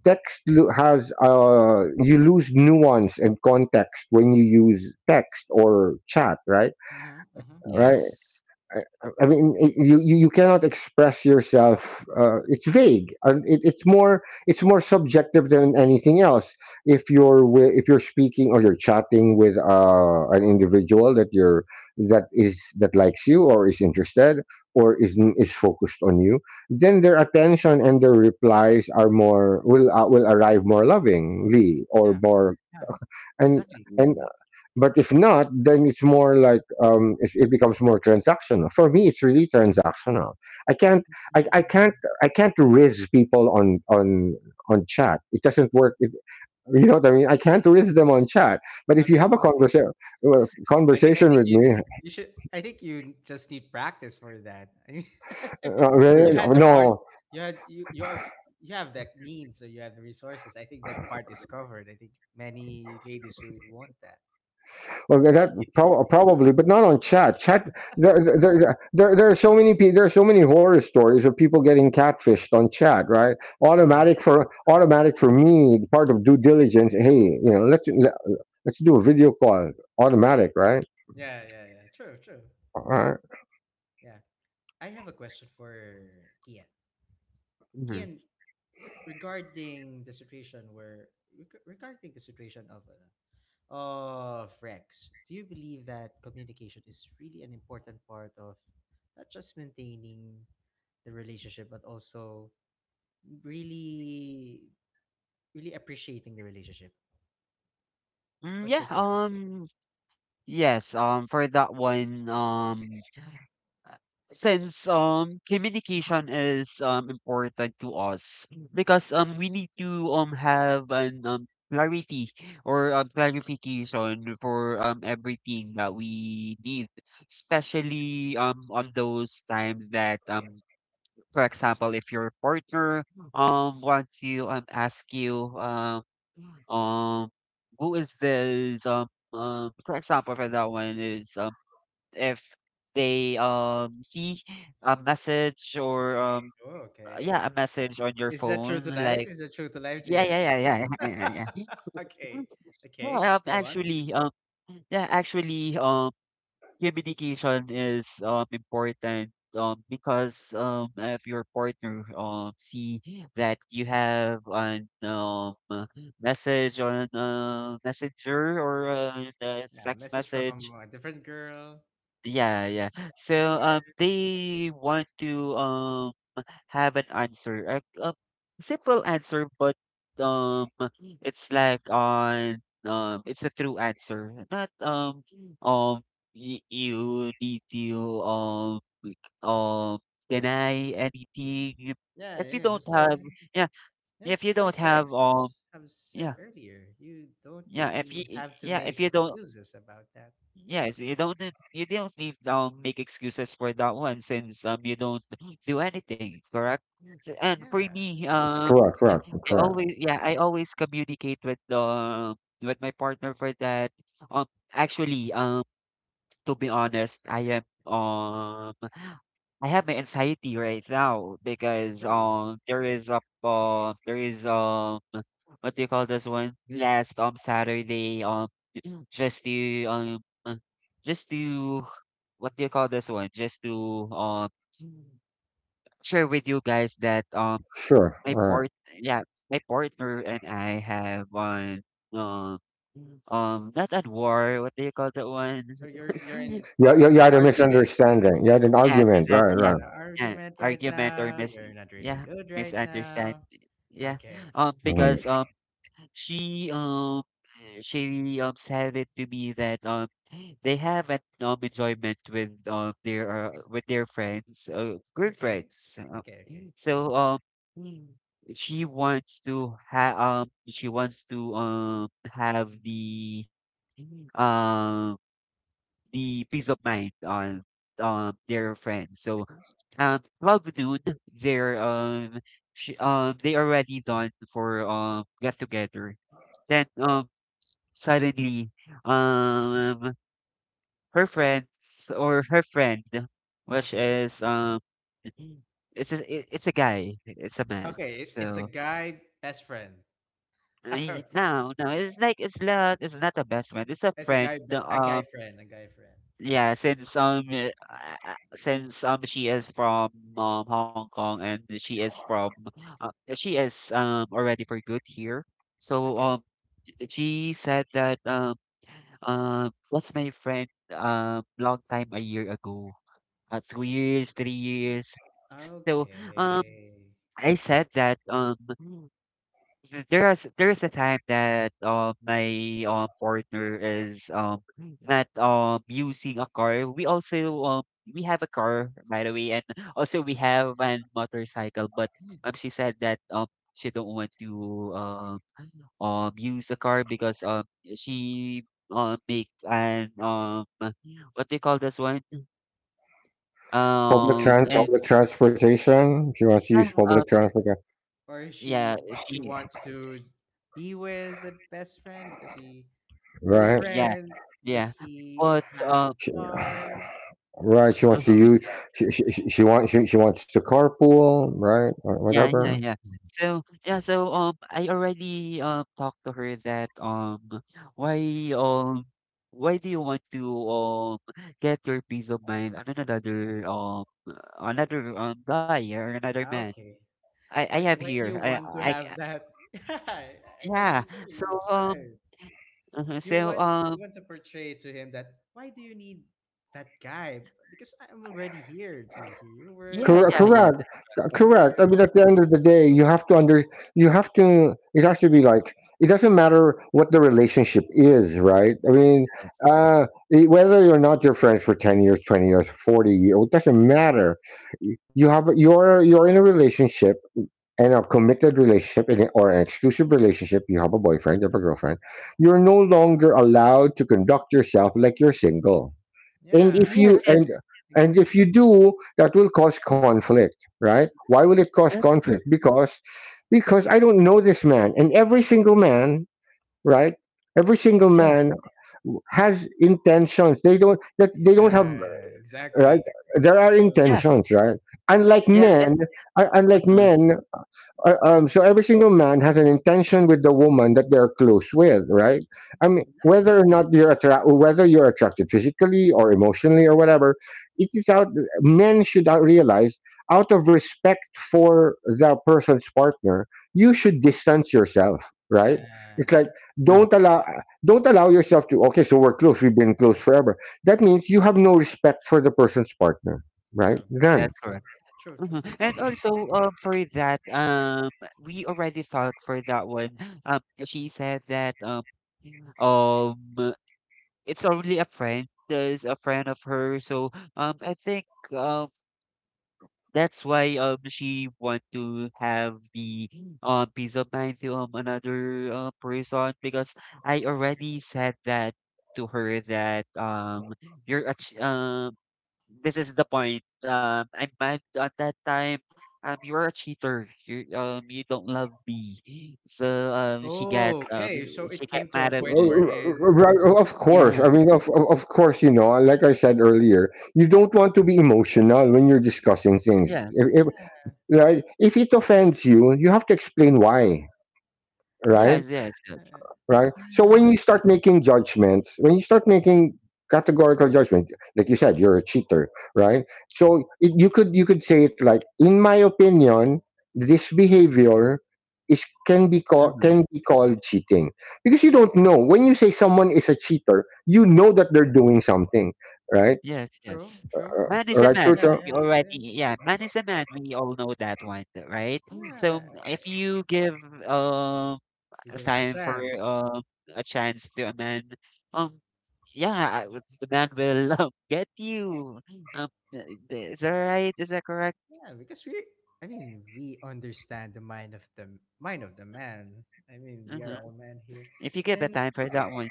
B: text lo- has you lose nuance and context when you use text or chat. Right.
A: Mm-hmm. Mm-hmm.
B: Right.
C: Yes.
B: I mean, you cannot express yourself. It's vague, and it's more subjective than anything else. If if you're speaking or you're chatting with an individual that you're that is that likes you or is interested or is focused on you, then their attention and their replies are more, will arrive more lovingly or
A: Yeah,
B: more,
A: yeah.
B: and.
A: Exactly.
B: And
C: Mhm,
B: but if not, then it's more like it becomes more transactional. For me, it's really transactional. I can't, I, I can't,
A: Mm.
B: I can't riz people on on chat. It doesn't work. It, you know what I mean? I can't riz them on chat. But
A: I
B: if you have a
A: mean, I mean, I
B: conversation
A: think
B: with
A: you
B: me.
A: you should. I think you just need practice for that. I mean, you
C: mhm,
B: Well,
A: had the part.
B: no,
A: You had, you are, you have that means, so you have the resources. I think that part is covered. I think many ladies will want that.
B: Well, that probably, but not on chat. Chat, there are so many people. There are so many horror stories of people getting catfished on chat. Right?
A: True. True.
B: Automatic for me. Part of due diligence. Hey, you know, let's do a video call. Automatic, right?
A: Yeah, yeah, yeah. True, true.
B: All
A: True.
B: right.
A: Yeah. I have a question for Gian.
C: mhm.
A: Gian, regarding the situation where, reg- regarding the situation of Oh, Rex, do you believe that communication is really an important part of not just maintaining the relationship, but also really, really appreciating the relationship?
C: Mm,
A: What's
C: yeah,
A: your take on that?
C: yes, for that one, Uh, since communication is important to us, because we need to have an clarity or clarification for everything that we need, especially on those times that for example if your partner wants you ask you um who is this for example for that one is if they see a message or
A: Oh, okay.
C: yeah a message on your
A: Is that true
C: phone
A: to life?
C: like.
A: Is that true to life,
C: Yeah yeah
A: GM?
C: yeah yeah yeah yeah yeah
A: Okay.
C: well,
A: Okay. Go on.
C: actually, yeah, actually, communication is important. Because if your partner see that you have an message on messenger or the
A: Yeah,
C: text
A: message from
C: message,
A: a different girl
C: yeah, yeah. So,
A: somewhere.
C: they want to have an answer, a simple answer, but um, it's like on it's a true answer, not um, y you need to like, deny anything. You-
A: Yeah,
C: If you
A: yeah,
C: don't
A: just like,
C: have, yeah,
A: yeah, it's
C: if you
A: just like
C: don't have
A: Rex have said
C: yeah,
A: earlier, you don't
C: yeah, if you
A: really have to
C: yeah, if
A: make
C: you don't.
A: excuses about that.
C: Yes, you don't need make excuses for that one since you don't do anything, correct? So- And
A: Yeah,
C: for me,
B: Correct. Correct.
C: I
B: Correct.
C: always, yeah, I always communicate with the with my partner for that. Um Actually, to be honest, I am, I have my anxiety right now because
A: really.
C: there is a there is what do you call this one, last Saturday just to um uh, just to what do you call this one, just to share with you guys that
B: Sure. All
C: my
B: right.
C: part yeah my partner and I have one um not at war, what do you call that one?
A: So you're in in
B: You
A: an
B: had a
A: argument.
B: misunderstanding. You had an
C: Yeah,
B: argument.
C: present
B: Right.
A: You're
C: yeah,
B: Right.
A: in an
C: yeah,
A: argument right
C: argument or
A: now.
C: mis
A: You're not really
C: yeah,
A: good right now.
C: misunderstanding. Yeah,
A: Okay,
B: Mhm.
C: because, she, um, she, said it to me that, they have an, enjoyment with, their, with their friends,
A: okay,
C: girlfriends.
A: okay, okay,
C: So, Mm. She wants to ha she wants to, have um the peace of mind on their friends. So 12 noon they're they already done for get together. Then suddenly um her friends or her friend which
A: okay,
C: is it's a, it- it's a guy, it's a man.
A: okay. It, it's a
C: So
A: guy best friend.
C: I-
A: Okay,
C: no, no, it's like it's not a best friend. It's a
A: it's a
C: friend
A: guy be- a guy friend, a guy friend.
C: yeah, since she is from Hong Kong and she is from she is already for good here. So
A: Okay,
C: she said that what's my friend long time a year ago 2 years, 3 years. So um,
A: okay.
C: I said that there is there is a time that my partner is not using a car. We also we have a car, by the way, and also we have an motorcycle. But she said that she don't want to um use a car because she make an what they call this one and
B: Public transportation. She wants to
C: uh,
B: use
C: um
B: public transportation.
A: Or she
C: yeah
A: she
C: she,
A: wants to be with the best friend because he, her
B: Right.
C: yeah
A: friend, because
C: yeah,
A: he
C: but
A: has a car.
B: Right, she wants to
C: Mhm,
B: use. She wants to carpool, right, or
C: yeah, yeah,
B: whatever.
C: yeah. So, yeah, so, I already, talked to her that, why, um, why do you want to, get your peace of mind on another, another, guy or another man?
A: Okay,
C: I have
A: why do
C: here.
A: you want to
C: I, ca-
A: have that? I, I
C: yeah.
A: understand
C: So,
A: your side.
C: uh
A: You
C: so,
A: want, you
C: um,
A: want to portray to him that, why do you need that guy? Because I'm already here to hear your words,
C: yeah,
B: Correct,
C: yeah, yeah.
B: correct,
A: to hear
B: Correct. I mean,
A: your,
B: at the end of the day, you have to. It has to be like, it doesn't matter what the relationship is, right? I mean,
C: That's-
B: whether you're not your friends for 10 years, 20 years, 40 years, it doesn't matter. You're in a relationship, in a committed relationship, in or an exclusive relationship, you have a boyfriend, you have a girlfriend, you're no longer allowed to conduct yourself like you're single. And
A: yeah,
B: if you
C: Yes,
A: exactly,
C: yes,
B: and and if
A: exactly,
B: you do, that will cause conflict, right? Why will it
A: exactly.
B: cause
C: that's
B: conflict?
C: correct.
B: Because I don't know this man. And every single man, right? Every single
C: Yeah,
B: man has intentions. They don't have,
A: Yeah,
B: right.
A: exactly.
B: There are
A: Yeah,
C: yeah,
B: intentions, right? Unlike
C: yeah.
B: men,
C: It,
B: unlike
C: uh-huh,
B: men, so every single man has an intention with the woman that they're close with, right? I mean,
A: exactly.
B: whether or not whether you're attracted physically or emotionally or whatever, it is out. Men should realize, out of respect for the person's partner, you should distance yourself, right? It's
A: Yeah.
B: like,
C: uh-huh,
B: don't allow don't allow yourself to. Okay, so we're close. We've been close forever. That means you have no respect for the person's partner, right?
A: True,
B: None.
C: that's
A: true,
C: correct.
A: true, true.
C: Mhm, and
A: Exactly.
C: also, for that, we already thought for that one. She said that, um, it's only a friend, is a friend of her. So, I think, um, that's why, she want to have the, peace of mind to, another, person because I already said that to her that, you're a, this is the point. I'm mad at that time. You're a cheater. You you don't love me. So she got
A: Oh, okay. So
C: she
A: it
C: got
A: came to a
C: mad at
A: point
B: Right,
C: me.
A: wherein,
B: right, of course.
C: Yeah.
B: I mean, of course, you know, like I said earlier, you don't want to be emotional when you're discussing things.
C: Yes.
B: If,
A: yeah,
B: right, if it offends you, you have to explain why, right?
C: Yes. Yes. Yes.
A: uh,
B: Right? So when
A: yeah,
B: you start making judgments, when you start making categorical judgment, like you said, you're a cheater, right? So it, you could say it like, in my opinion, this behavior is,
C: Uh-huh.
B: can be called cheating, because you don't know, when you say someone is a cheater, you know that they're doing something, right?
C: Yes.
A: true,
C: Yes.
A: true.
B: Uh,
C: Man is a
B: right,
C: man.
A: Yeah,
B: true.
C: We
A: yeah, yeah,
C: already yeah. Man is a man. We all know that one, right?
A: yeah.
C: So if you give um
A: You give him a
C: time for
A: chance.
C: a chance to amend. Um, yeah, I the man will get you. I- is that right? Is that correct?
A: Yeah, because we, I mean, we understand the mind of the mind of the man. I mean, we are
C: Mm-hmm.
A: all men here,
C: If you give the
A: and
C: time for that one,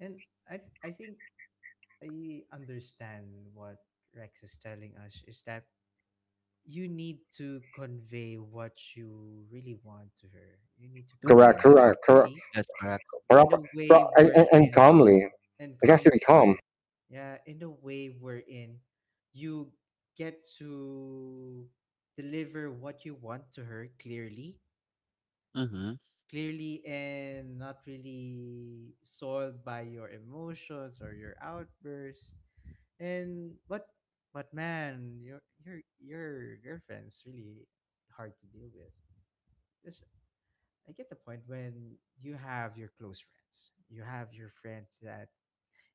A: and I think I understand what Rex is telling us is that you need to convey what you really want to her. You need to
C: hmm,
A: convey
B: correct,
A: it
B: correct, correct,
A: properly
C: that's correct.
A: in
B: proper,
A: a way
B: and
A: wherein,
B: calmly.
A: and
B: It has to
A: calmly,
B: be calm.
A: yeah, in a way wherein you get to deliver what you want to her clearly,
C: Mm-hmm.
A: clearly, and not really soiled by your emotions or your outbursts. And but man, your girlfriend's really hard to deal with. Yes, I get the point when you have your close friends. You have your friends that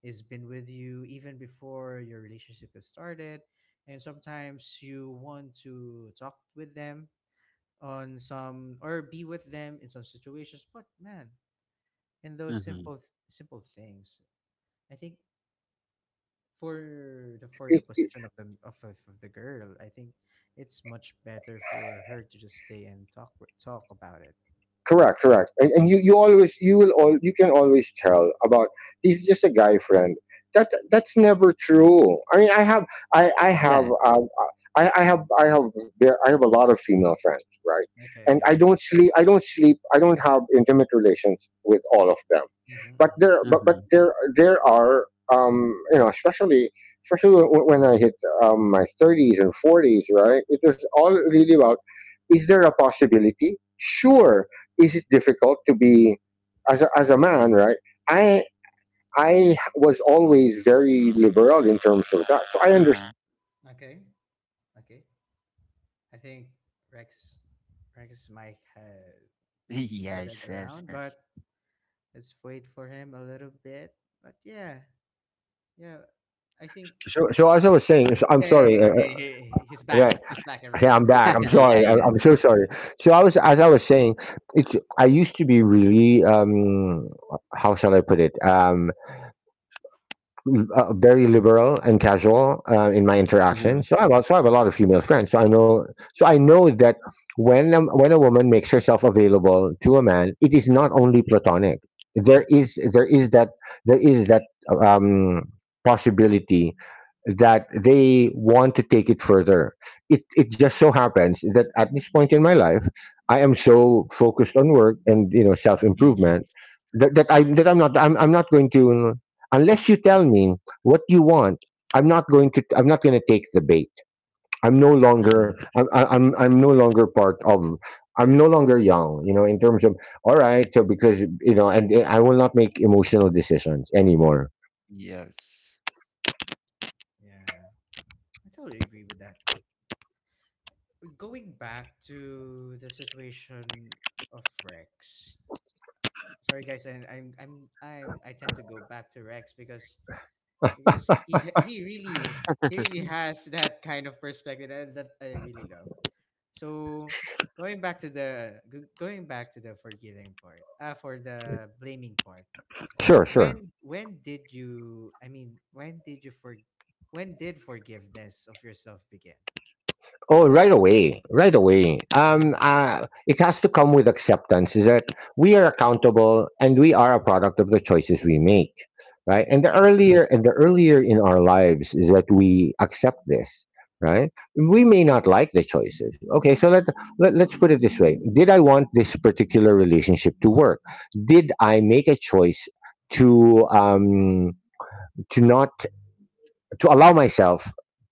A: has been with you even before your relationship has started, and sometimes you want to talk with them on some or be with them in some situations. But man, in those
C: Mm-hmm.
A: simple simple things, I think for the position of the girl, I think it's much better for her to just stay and talk with- talk about it.
B: Correct, correct. And you always, you will all you can always tell about, he's just a guy friend. That, that's never true. I mean, I have I have
C: Yes.
B: I have there- I have a lot of female friends, right?
A: Okay.
B: And I
A: Yeah.
B: don't sleep. I don't sleep. I don't have intimate relations with all of them,
A: Mm-hmm.
C: Mm-hmm.
B: but there are um you know, especially, especially when I hit my thirties and forties, right? It was all really about, is there a possibility? Sure. Is it difficult to be as a man, right? I I was always very liberal in terms of that, so I
C: Mm-hmm.
B: understand.
A: Okay, okay. I think Rex, Rex might have shorted
C: Yes. Yes.
A: around,
C: Yes.
A: but let's wait for him a little bit. But yeah, yeah. I think
B: So, so as I was saying, so I'm
A: okay,
B: sorry.
A: okay. He, he's
B: Yeah,
A: back. He's back,
B: yeah,
A: everyone.
B: I'm back. I'm
C: yeah.
B: sorry.
C: Yes.
B: I'm so sorry. So I was, as I was saying, it's, I used to be really, how shall I put it? Very liberal and casual in my
C: Mm-hmm.
B: interaction. So I have, also have a lot of female friends. So I know that when a woman makes herself available to a man, it is not only platonic. There is there is that there is that um, Possibility that they want to take it further. It just so happens that at this point in my life, I am so focused on work and you know self improvement,
C: Yes.
B: that I'm not, I'm not going to, unless you tell me what you want, I'm not going to take the bait. I'm no longer,
C: Mm-hmm.
B: I'm, I- I'm no longer part of, I'm no longer young, you know, in terms of, all right, so because you know, and I will not make emotional decisions anymore.
C: Yes.
A: Yeah, I totally agree with that. But going back to the situation of Rex. Sorry, guys, and I'm I tend to go back to Rex because he really, he really has that kind of perspective that, that I really love. So going back to the g- going back to the forgiving part, for the blaming part.
B: Sure.
A: When did you? I mean, when did you for? When did forgiveness of yourself begin?
B: Oh, right away, right away.
A: Mm.
B: It has to come with acceptance. Is that we are accountable and we are a product of the choices we make, right? And
A: Mm-hmm.
B: the earlier and the earlier in our lives is that we accept this, right?
A: Mm-hmm.
B: We may not like the choices. Okay, so let let's put it this way: did I want this particular relationship to work? Did I make a choice to um to not, to allow myself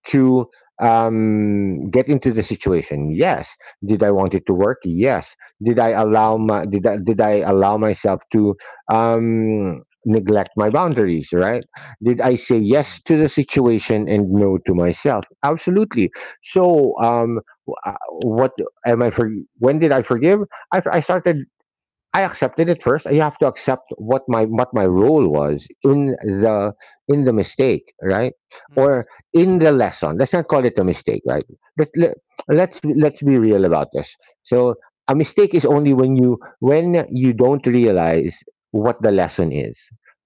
B: to get into the situation. Yes, did I want it to work? Yes. Did I
A: Mm-hmm.
B: allow my, did I allow myself to neglect my boundaries? Right? Did
A: Mm-hmm.
B: I say
C: Mm-hmm.
B: yes to the situation and no to myself? Absolutely. So wh- uh, what am I for? When did I forgive? I started, I accepted it first. I have to accept what my role was in the, in the mistake, right?
A: Mm-hmm.
B: Or in the lesson. Let's not call it a mistake, right? Let, let, let's be real about this. So a mistake is only when you don't realize what the lesson is,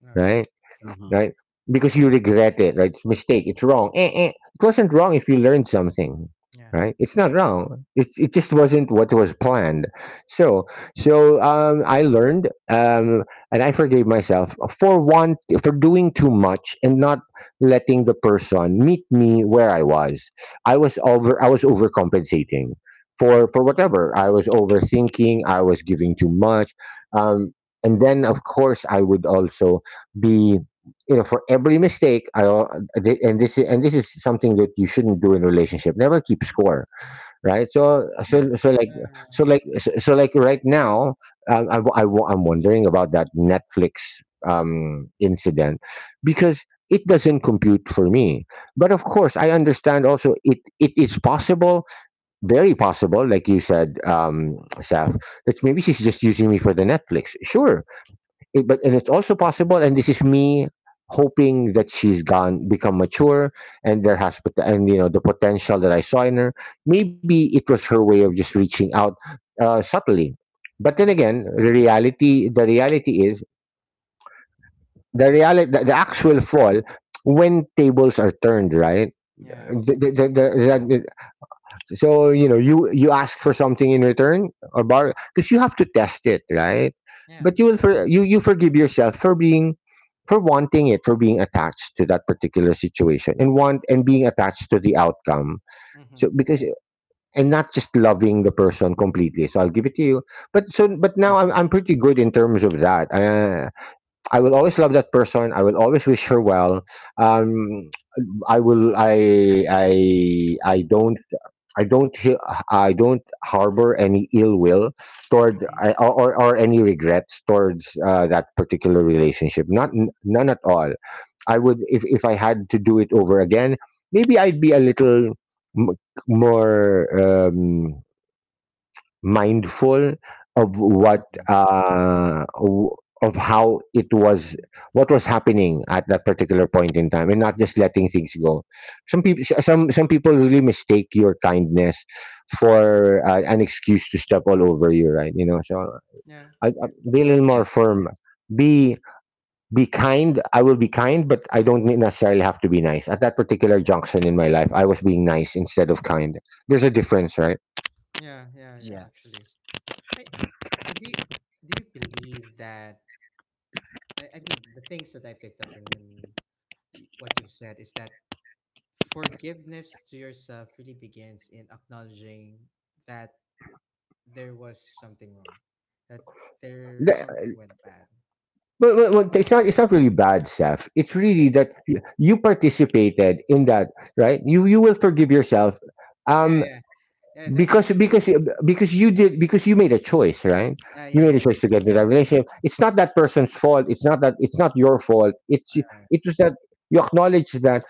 A: All right.
B: right?
A: Okay.
C: Mm-hmm.
B: Right? Because you regret it, right? It's mistake. It's wrong. Eh. It wasn't wrong if you learned something,
A: Yeah.
B: right? It's not wrong. It just wasn't what was planned. So so I learned and I forgave myself for one, for doing too much and not letting the person meet me where I was. I was over. I was overcompensating. For
A: Mm-hmm.
B: whatever, I was overthinking, I was giving too much, um, and then of course I would also be, for every mistake, and this is, and this is something that you shouldn't do in a relationship: never keep score, right? So so
C: Yes.
B: so like so
A: Yeah.
B: like so, so like right now, I'm wondering about that Netflix incident, because it doesn't compute for me. But of course I understand also it is possible, very possible, like you said, Saf, that maybe
A: Mm-hmm.
B: she's just using me for the Netflix,
A: Yeah.
B: sure. But and it's also
C: Mm-hmm.
B: possible, and this is me hoping that she's gone become mature, and you know, the potential that I saw in her, maybe it was her way of just reaching out subtly. But then
A: Mm-hmm.
B: again, the reality is the reality the, actual fall, when tables are turned, right?
A: Yeah.
C: Yeah.
B: The, so you know, you ask for something in return or bar because you have to test it, right?
A: Yeah.
B: But you you forgive yourself for being, for wanting it, for being attached to that particular situation, and being attached to the outcome.
A: Mm-hmm.
B: So because, and not just loving the person completely. So I'll give it to you. But so, but now
C: Mm-hmm.
B: I'm pretty good in terms of that. I will always love that person. I will always wish her well. um i will i i i don't I don't I don't harbor any ill will toward,
A: Mm-hmm.
B: I, or any regrets towards that particular relationship. Not n- None at all. I would, if I had to do it over again, maybe I'd be a little m- more. Um, Mindful of what
C: Mm-hmm.
B: of how it was,
A: Mm-hmm.
B: what was happening at that particular point in time, and not just letting things go. Some some people really mistake your kindness for an excuse to step all over you, right? You know, so
A: Yeah,
B: I be a little
C: Yeah.
B: more firm, be be kind. I will be kind, but I don't necessarily have to be nice. At that particular junction in my life, I was being nice instead of kind. There's a difference, right?
A: yeah, yeah, yeah. Actually,
C: Yes.
A: I do. You, do you believe that? I mean, the things that I picked up in y- what you've said is that forgiveness to yourself really begins in acknowledging that there was something wrong, that there, something went bad.
B: Well, it's not. It's not really bad, Seth. It's really
A: Okay.
B: that you participated in that, right? You will forgive yourself.
A: Yeah,
B: Um,
A: yeah, yeah. That, I
B: because
A: think.
B: because you did, because you made a choice, right?
A: Yeah,
B: You
A: yeah,
B: made a
A: yeah.
B: choice to get into
C: Yeah.
B: that relationship. It's not that person's fault, it's not, that it's not your fault,
A: Uh,
B: it was that you acknowledge that.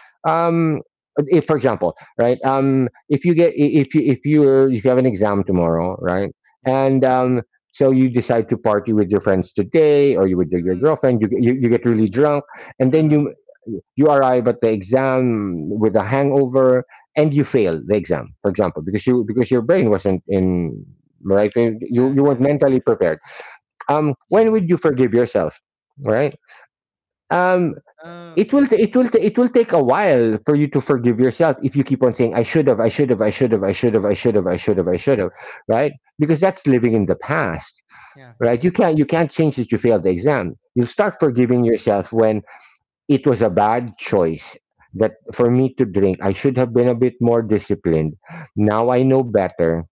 A: uh,
B: Um, if for example, right, um, if you get I- if you if you if you have an exam tomorrow, right?
A: yeah.
B: And um, so you decide to party with your friends today, or you with your
A: Mm,
B: girlfriend, you get really drunk, and then you
C: Mm-hmm.
B: you arrive at the exam with a hangover, and you fail the exam, for example, because your brain wasn't in, right?
A: yeah,
B: You weren't
A: yeah.
B: mentally prepared. Um, when
C: Yes.
B: would you forgive yourself? Right? Um,
A: Okay.
B: it will take a while for you to forgive yourself if you keep on saying I should have, I should have, I should have, I should have, I should have, I should have, I should
A: Mhm.
B: have, right? Because that's living in the past,
A: Yeah,
B: right? You can't you can't change that you failed the exam. You start
A: yeah.
B: forgiving yourself when, it was a bad choice, that for me to drink, I should have been a bit more disciplined. Now I know better.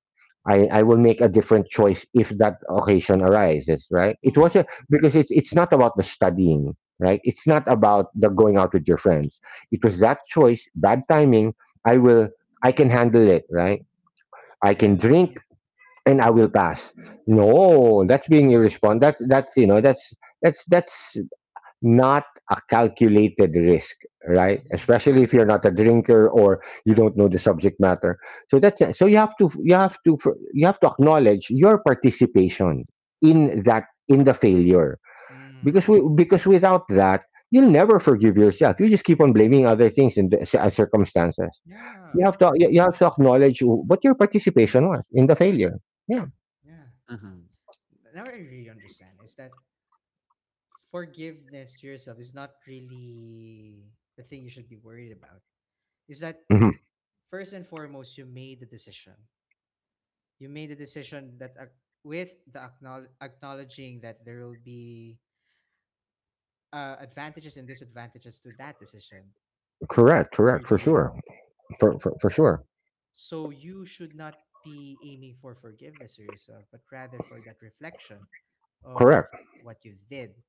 B: I will make a different choice if that occasion arises, right? It
A: Mm-hmm.
B: was a, because it's not about the studying, right? It's not
A: Mm-hmm.
B: about the going out with your friends. It was that choice, bad timing. i will I can handle it, right? I can drink
A: Mm-hmm.
C: Yes.
B: and I will pass. No, that's being irresponsible. That's, that's not a calculated risk, right?
A: Mm-hmm.
B: Especially if you're not a drinker or you
A: Yeah.
B: don't know the subject matter. So that's, you have to acknowledge your participation in that, in the failure. Because
A: Mm.
B: because without that, you'll never forgive yourself. You just keep on blaming other things and the circumstances.
A: Yeah.
B: You have
A: Oh,
B: to, you have to acknowledge what your participation was in the failure. Yeah.
A: yeah.
C: Mhm,
A: Now I really understand. Is that forgiveness to yourself is not really the thing you should be worried about. Is that
B: Mhm.
A: first and foremost you made the decision. You made the decision that ac- with the acknowl- acknowledging that there will be advantages and disadvantages to that decision
B: Correct.
A: you're
B: Correct. For
A: doing.
B: sure. For sure.
A: So you should not be aiming for forgiveness to yourself, but rather for that reflection of
B: Correct.
A: what you did.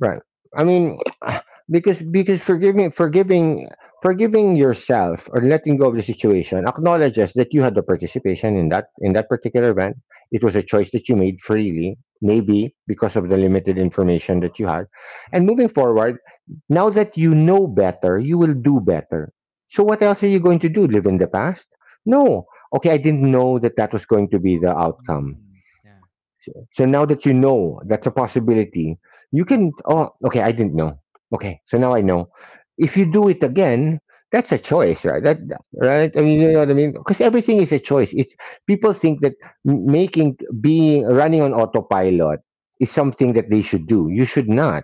B: Right. I mean, because, because forgiving yourself or letting go of the situation acknowledges that you had the participation in that, in that particular event. It was a choice that you made freely, maybe because of the limited information that you had. And moving forward, now that you know better, you will do better. So what else are you going to do? Live in the past? No. Okay, I didn't know that that was going to be the outcome.
A: Mm, yeah,
B: So, so now that you know that's a possibility, you
A: mm,
B: can. Oh, okay, I didn't know. Okay, so now I know. If you do it again, that's a choice, right? That, right?
A: yeah,
B: I mean, you know what I mean? Because everything is a choice. It's, people think that m- making being running on autopilot is something that they should do. You should not.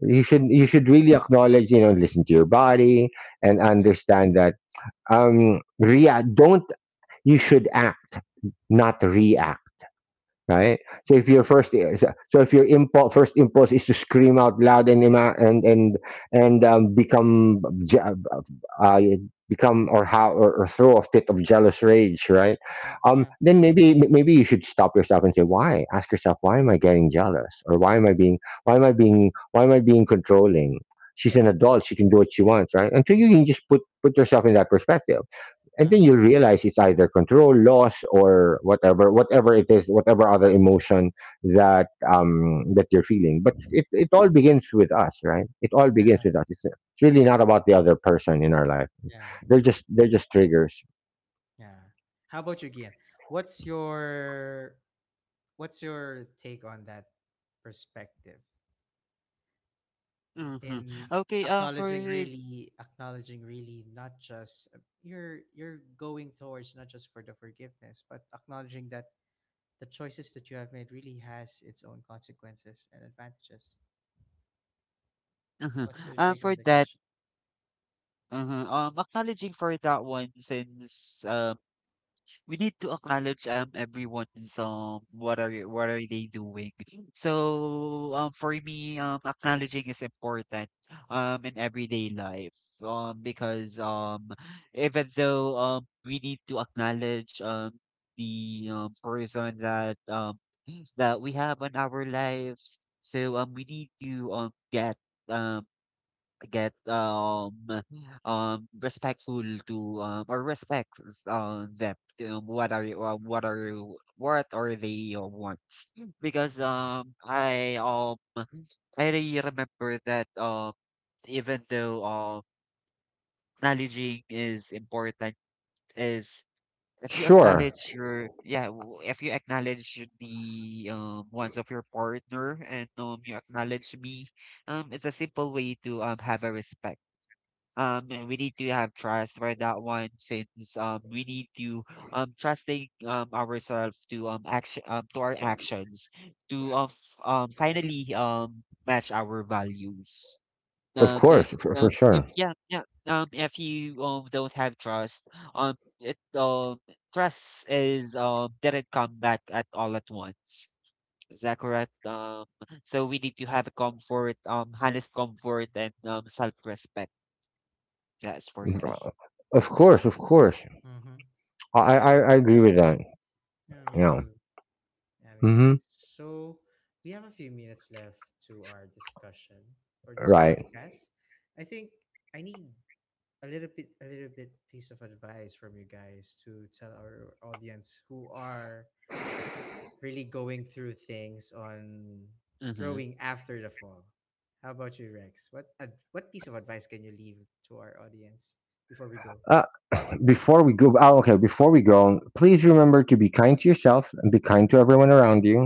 B: You should
C: mhm,
B: really acknowledge, you know, listen to your body and understand that rea- don't you should act, not react, right? So if your
A: mm,
B: first so so if your impulse first impulse is to scream out loud and become uh, become, or how, or throw a fit of jealous rage, right?
A: mm, yeah,
B: Then maybe maybe you should stop yourself and say why. Ask yourself, why am I getting jealous? Or why am I being, why am I being controlling? She's an
A: mm,
B: adult. She can do what she wants, right? Until you can just put yourself in that perspective, and
A: yeah,
B: then you'll realize it's either control, loss, or whatever, whatever it is, whatever other emotion that um, that you're feeling. But it all begins with us, right? It all begins
A: yeah,
B: with us. It's really not about the other person in our life.
A: yeah,
B: They're just, they're just triggers.
A: yeah. How about you, Gian? What's your, what's your take on that perspective
C: mhm.
A: in
C: Okay, for
A: acknowledging, really acknowledging, really not just you're going towards, not just for the forgiveness, but acknowledging that the choices that you have made really has its own consequences and advantages.
C: mhm,
A: What's your take on
C: for
A: the
C: that,
A: question?
C: mhm, acknowledging for that one, since we need to acknowledge everyone's what are they doing. So for me acknowledging is important in everyday life because even though we need to acknowledge the person that that we have on our lives. So we need to um get respectful to or respect them. What are you- what are you- what are they wants? Because I really remember that even though acknowledging is important is, if you
B: Sure.
C: acknowledge your yeah, if you acknowledge the wants of your partner and you acknowledge me, it's a simple way to have a respect. And we need to have trust for that one, since we need to trusting ourselves to action to our actions to of finally match our values.
B: Of
C: And,
B: course. For
C: if
B: sure.
C: yeah, yeah, if you, don't have trust, um, it, trust is, didn't come back at all at once. Is that correct? So we need to have a comfort, honest comfort and, self-respect. That's for me.
B: Of course. Of course.
A: Mm-hmm. That's
B: I
A: fine.
B: agree with that.
A: Yeah, me
B: Yeah.
A: too. Yeah, me too.
B: Hmm.
A: So we have a few minutes left to our discussion for this
B: Right.
A: podcast. I think I need a little bit piece of advice from you guys to tell our audience who are really going through things on
C: Mm-hmm.
A: growing after the fall. How about you, Rex? What ad- what piece of advice can you leave to our audience before we go?
B: Uh, before we go, oh, okay, before we go, please remember to be kind to yourself and be kind to everyone around you.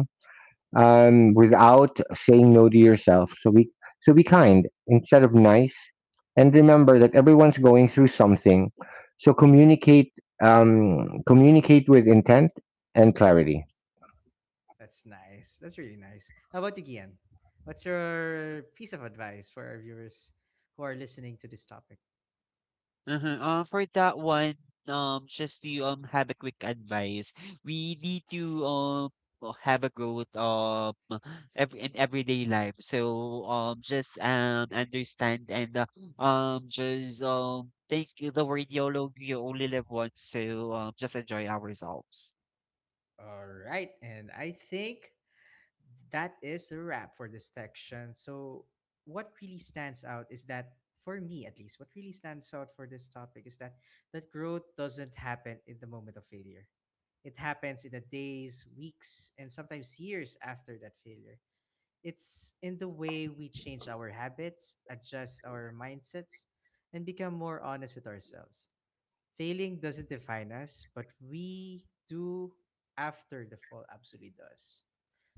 B: Um, without saying no to yourself. So be, so be kind instead of nice, and remember that everyone's going through something. So communicate, communicate with intent and clarity.
A: That's nice. That's really nice. How about you, Gian? What's your piece of advice for our viewers who are listening to this topic?
C: Mhm, for that one, just to have a quick advice, we need to have a growth every in everyday life. So just understand and just think the word YOLO, you only live once. So just enjoy ourselves.
A: All right. And I think that is a wrap for this section. So, what really stands out is that, for me at least, what really stands out for this topic is that that growth doesn't happen in the moment of failure. It happens in the days, weeks, and sometimes years after that failure. It's in the way we change our habits, adjust our mindsets, and become more honest with ourselves. Failing doesn't define us, but we do after the fall absolutely does.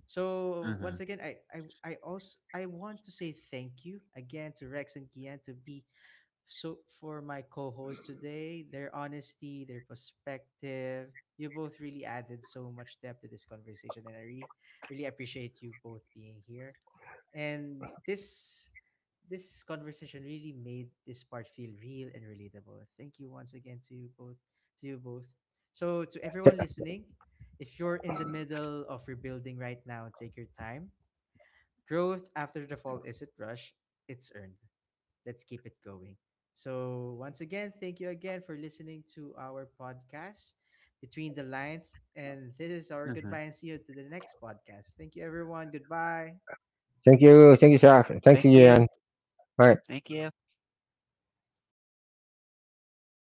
A: So
C: Mm-hmm.
A: once again, I also I want to say thank you again to Rex and Kian to be so for my co-hosts today. Their honesty, their perspective. You both really added so much depth to this conversation and I really really appreciate you both being here. And this conversation really made this part feel real and relatable. Thank you once again to you both to you both. So to
B: Th-
A: everyone listening, if you're in the middle of rebuilding right now, take your time. Growth after the fall isn't rushed, it's earned. Let's keep it going. So once again, thank you again for listening to our podcast Between the Lines and this is our
C: Mm-hmm.
A: goodbye and see you to the next podcast. Thank you everyone. Goodbye.
B: Thank you, Sarah.
C: Thank
B: Thank you,
C: you.
B: Jan. All right.
C: Thank you.